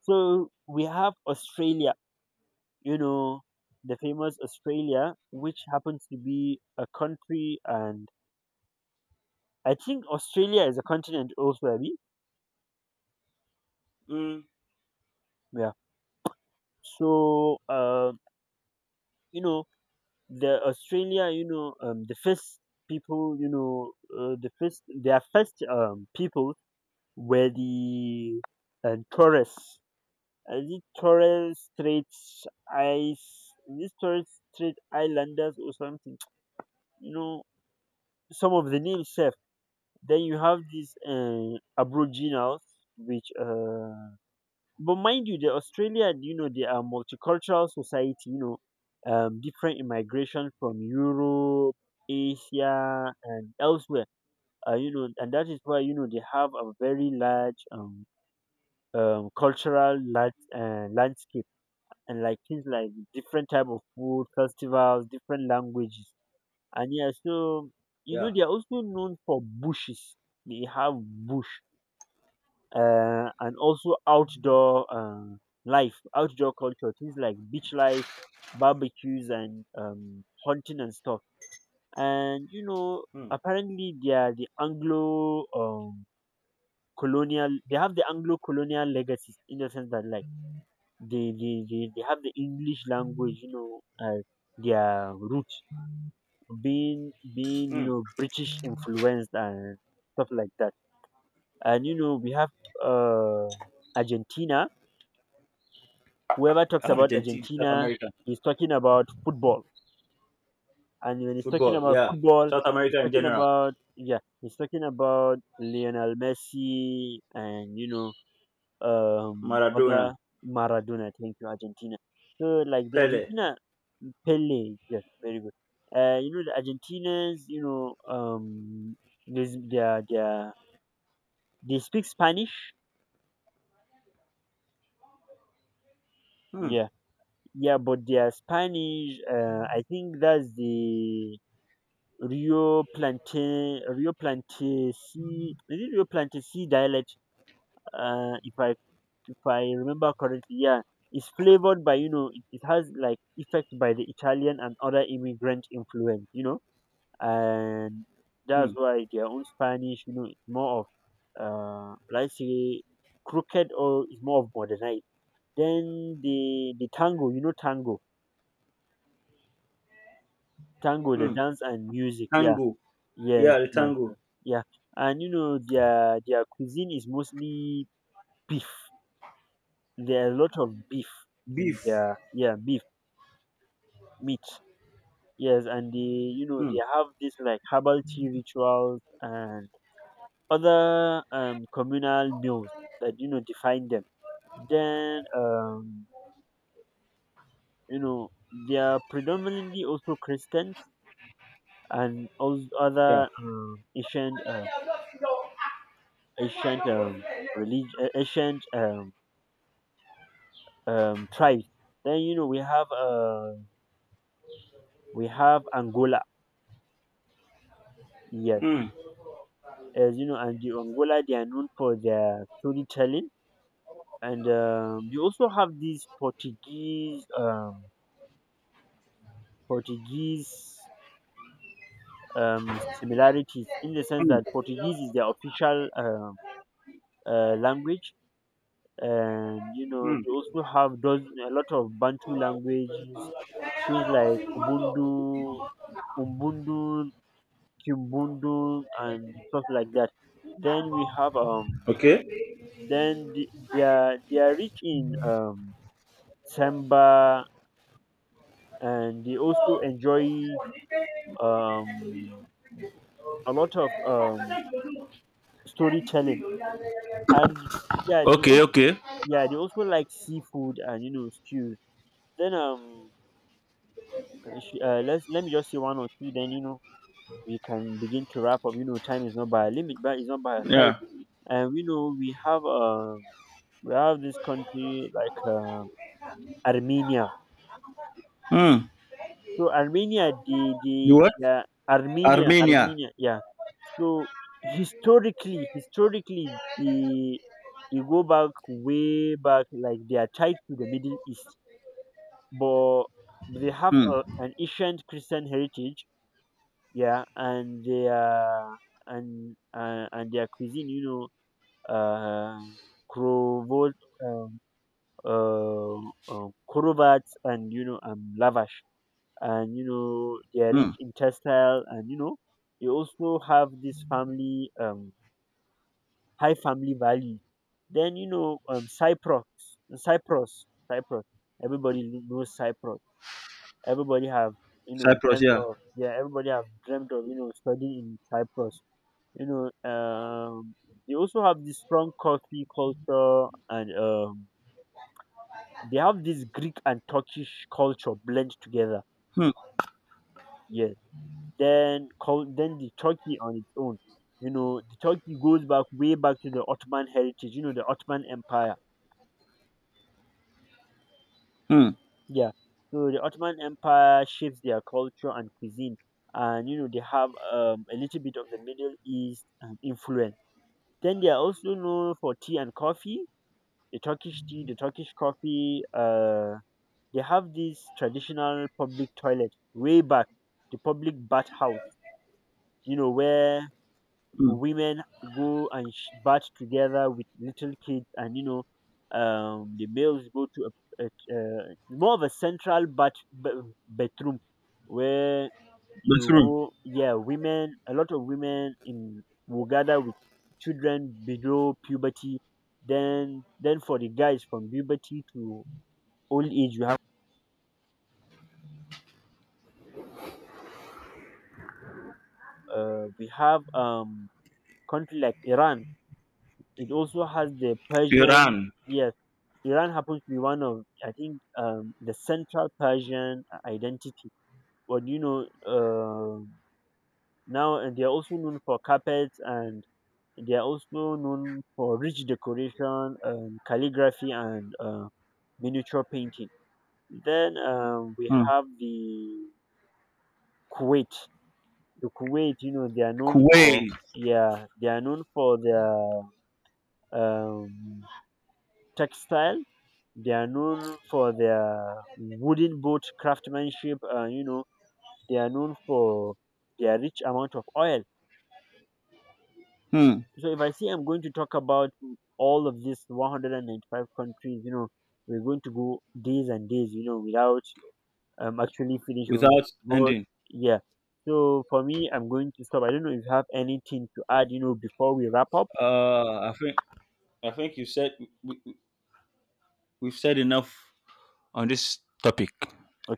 B: So we have Australia. You know the famous Australia, which happens to be a country, and I think Australia is a continent also. Abby.
A: Mm,
B: Yeah. So you know the Australia. You know the first people. You know the first their first people Where the tourists. These tourist straight ice, these tourist straight islanders or something. <tsk> You know, some of the names safe. Then you have these aboriginals, which, but mind you, the Australia, you know, they are multicultural society. You know, different immigration from Europe, Asia, and elsewhere. You know, and that is why you know they have a very large cultural land, landscape and like things like different type of food, festivals, different languages. And yeah, so you know
A: yeah.
B: they are also known for bushes. They have bush and also outdoor life, outdoor culture, things like beach life, barbecues, and hunting and stuff. And you know,
A: Mm,
B: apparently they are the Anglo colonial. They have the Anglo colonial legacies in the sense that like they have the english language you know as their roots being being you
A: mm.
B: know british influenced and stuff like that and you know we have uh argentina whoever talks about
A: Argentina, South
B: argentina
A: America,
B: is talking about football and when he's talking
A: football.
B: about
A: Yeah,
B: football
A: South
B: he's
A: America in
B: talking
A: general.
B: about yeah he's talking about lionel messi and you know
A: Maradona,
B: other Maradona. Thank you, Argentina. So like the
A: Pele.
B: Argentina Pele, yes, very good. You know the Argentinians, there's they are they speak Spanish.
A: Mm,
B: Yeah, yeah, but they are Spanish, I think that's the Rio Plantesi, is it Rio Plantesi dialect? uh, if I if I remember correctly, yeah, it's flavored by it has like effect by the Italian and other immigrant influence, you know, and that's
A: mm,
B: why their own Spanish, you know, it's more of let's say crooked or it's more of modernized. Then the tango, tango, tango, the
A: mm.
B: dance and music, yeah,
A: Tango.
B: yes,
A: Yeah, the
B: yes,
A: tango.
B: yes, yeah, and you know their cuisine is mostly beef. There are a lot of beef in
A: Beef.
B: their, yeah, beef, meat, yes, and they, you know,
A: Mm.
B: they have this like herbal tea rituals and other communal meals that you know define them. Then you know they are predominantly also Christians and all
A: Yeah.
B: other ancient religion, ancient tribes. Then you know we have Angola, yes,
A: Mm.
B: as you know, and the Angola they are known for their storytelling. And you also have these Portuguese similarities in the sense
A: Mm.
B: that
A: Mm.
B: Portuguese is their official language, and you know they also have those a lot of Bantu languages, things like Ubundu, Umbundu, Kimbundu, and stuff like that. Then we have
A: Okay.
B: then the, they are rich in samba, and they also enjoy um, a lot of storytelling. And yeah, they
A: Okay.
B: also,
A: Okay.
B: yeah, they also like seafood and you know stews. Then let's, let me just say one or two. Then you know we can begin to wrap up. You know time is not by a limit, but it's not by a side.
A: Yeah.
B: And we know we have this country like Armenia.
A: Mm.
B: So Armenia,
A: The
B: the
A: what?
B: yeah, Armenia,
A: Armenia.
B: Armenia, yeah. So historically they go back way back, like they are tied to the Middle East, but they have
A: Hmm.
B: a, an ancient Christian heritage, yeah, and their, and their cuisine, know, uh, crovol, um, crovats, and you know, lavash, and you know they are
A: Hmm.
B: rich in textile, and you know they also have this family high family value. Then you know, Cyprus, Cyprus, Cyprus. Everybody knows Cyprus. Everybody have you know
A: Cyprus,
B: dreamt
A: yeah.
B: of, yeah. Everybody have dreamt of you know studying in Cyprus. You know, they also have this strong coffee culture, and they have this Greek and Turkish culture blend together.
A: Hmm.
B: Yes. Then call then the Turkey on its own. You know the Turkey goes back way back to the Ottoman heritage. You know the Ottoman Empire.
A: Hmm.
B: Yeah. So the Ottoman Empire shapes their culture and cuisine, and you know they have a little bit of the Middle East influence. Then they are also known for tea and coffee, the Turkish tea, the Turkish coffee. They have this traditional public toilet way back, the public bathhouse. You know where
A: Hmm.
B: women go and bath together with little kids, and you know the males go to a, a more of a central bath, bathroom, where you
A: Bahrain,
B: go, yeah, women, a lot of women in will gather with children below puberty, then for the guys from puberty to old age we have country like Iran. It also has the Persian.
A: Iran.
B: Yes, Iran happens to be one of, I think, the central Persian identity. But you know, now, and they are also known for carpets, and they are also known for rich decoration, calligraphy, and miniature painting. Then we
A: Hmm.
B: have the Kuwait. The Kuwait, you know, they are known for,
A: Kuwait.
B: yeah, they are known for their um, textile. They are known for their wooden boat craftsmanship, and you know they are known for their rich amount of oil.
A: Hmm.
B: So if I say I'm going to talk about all of these 195 countries, you know, we're going to go days and days, you know, without actually finishing.
A: Without
B: But
A: ending.
B: yeah, so for me, I'm going to stop. I don't know if you have anything to add, you know, before we wrap up.
A: Uh, I think I think you said we've said enough on this topic,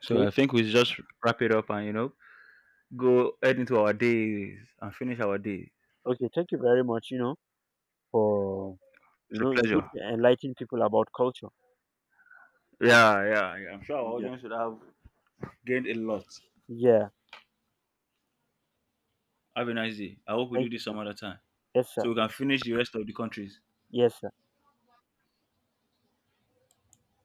A: so I think we just wrap it up and you know go head into our days and finish our day.
B: okay, thank you very much, you know, for, you
A: It's a
B: know, it's good
A: pleasure.
B: to enlighten people about culture.
A: Yeah, yeah, yeah. I'm sure our
B: Yeah.
A: audience would have gained a lot.
B: Yeah.
A: Have a nice day. I hope we do
B: Thank you,
A: this
B: sir.
A: some other time
B: Yes, sir.
A: so we can finish the rest of the countries.
B: Yes, sir.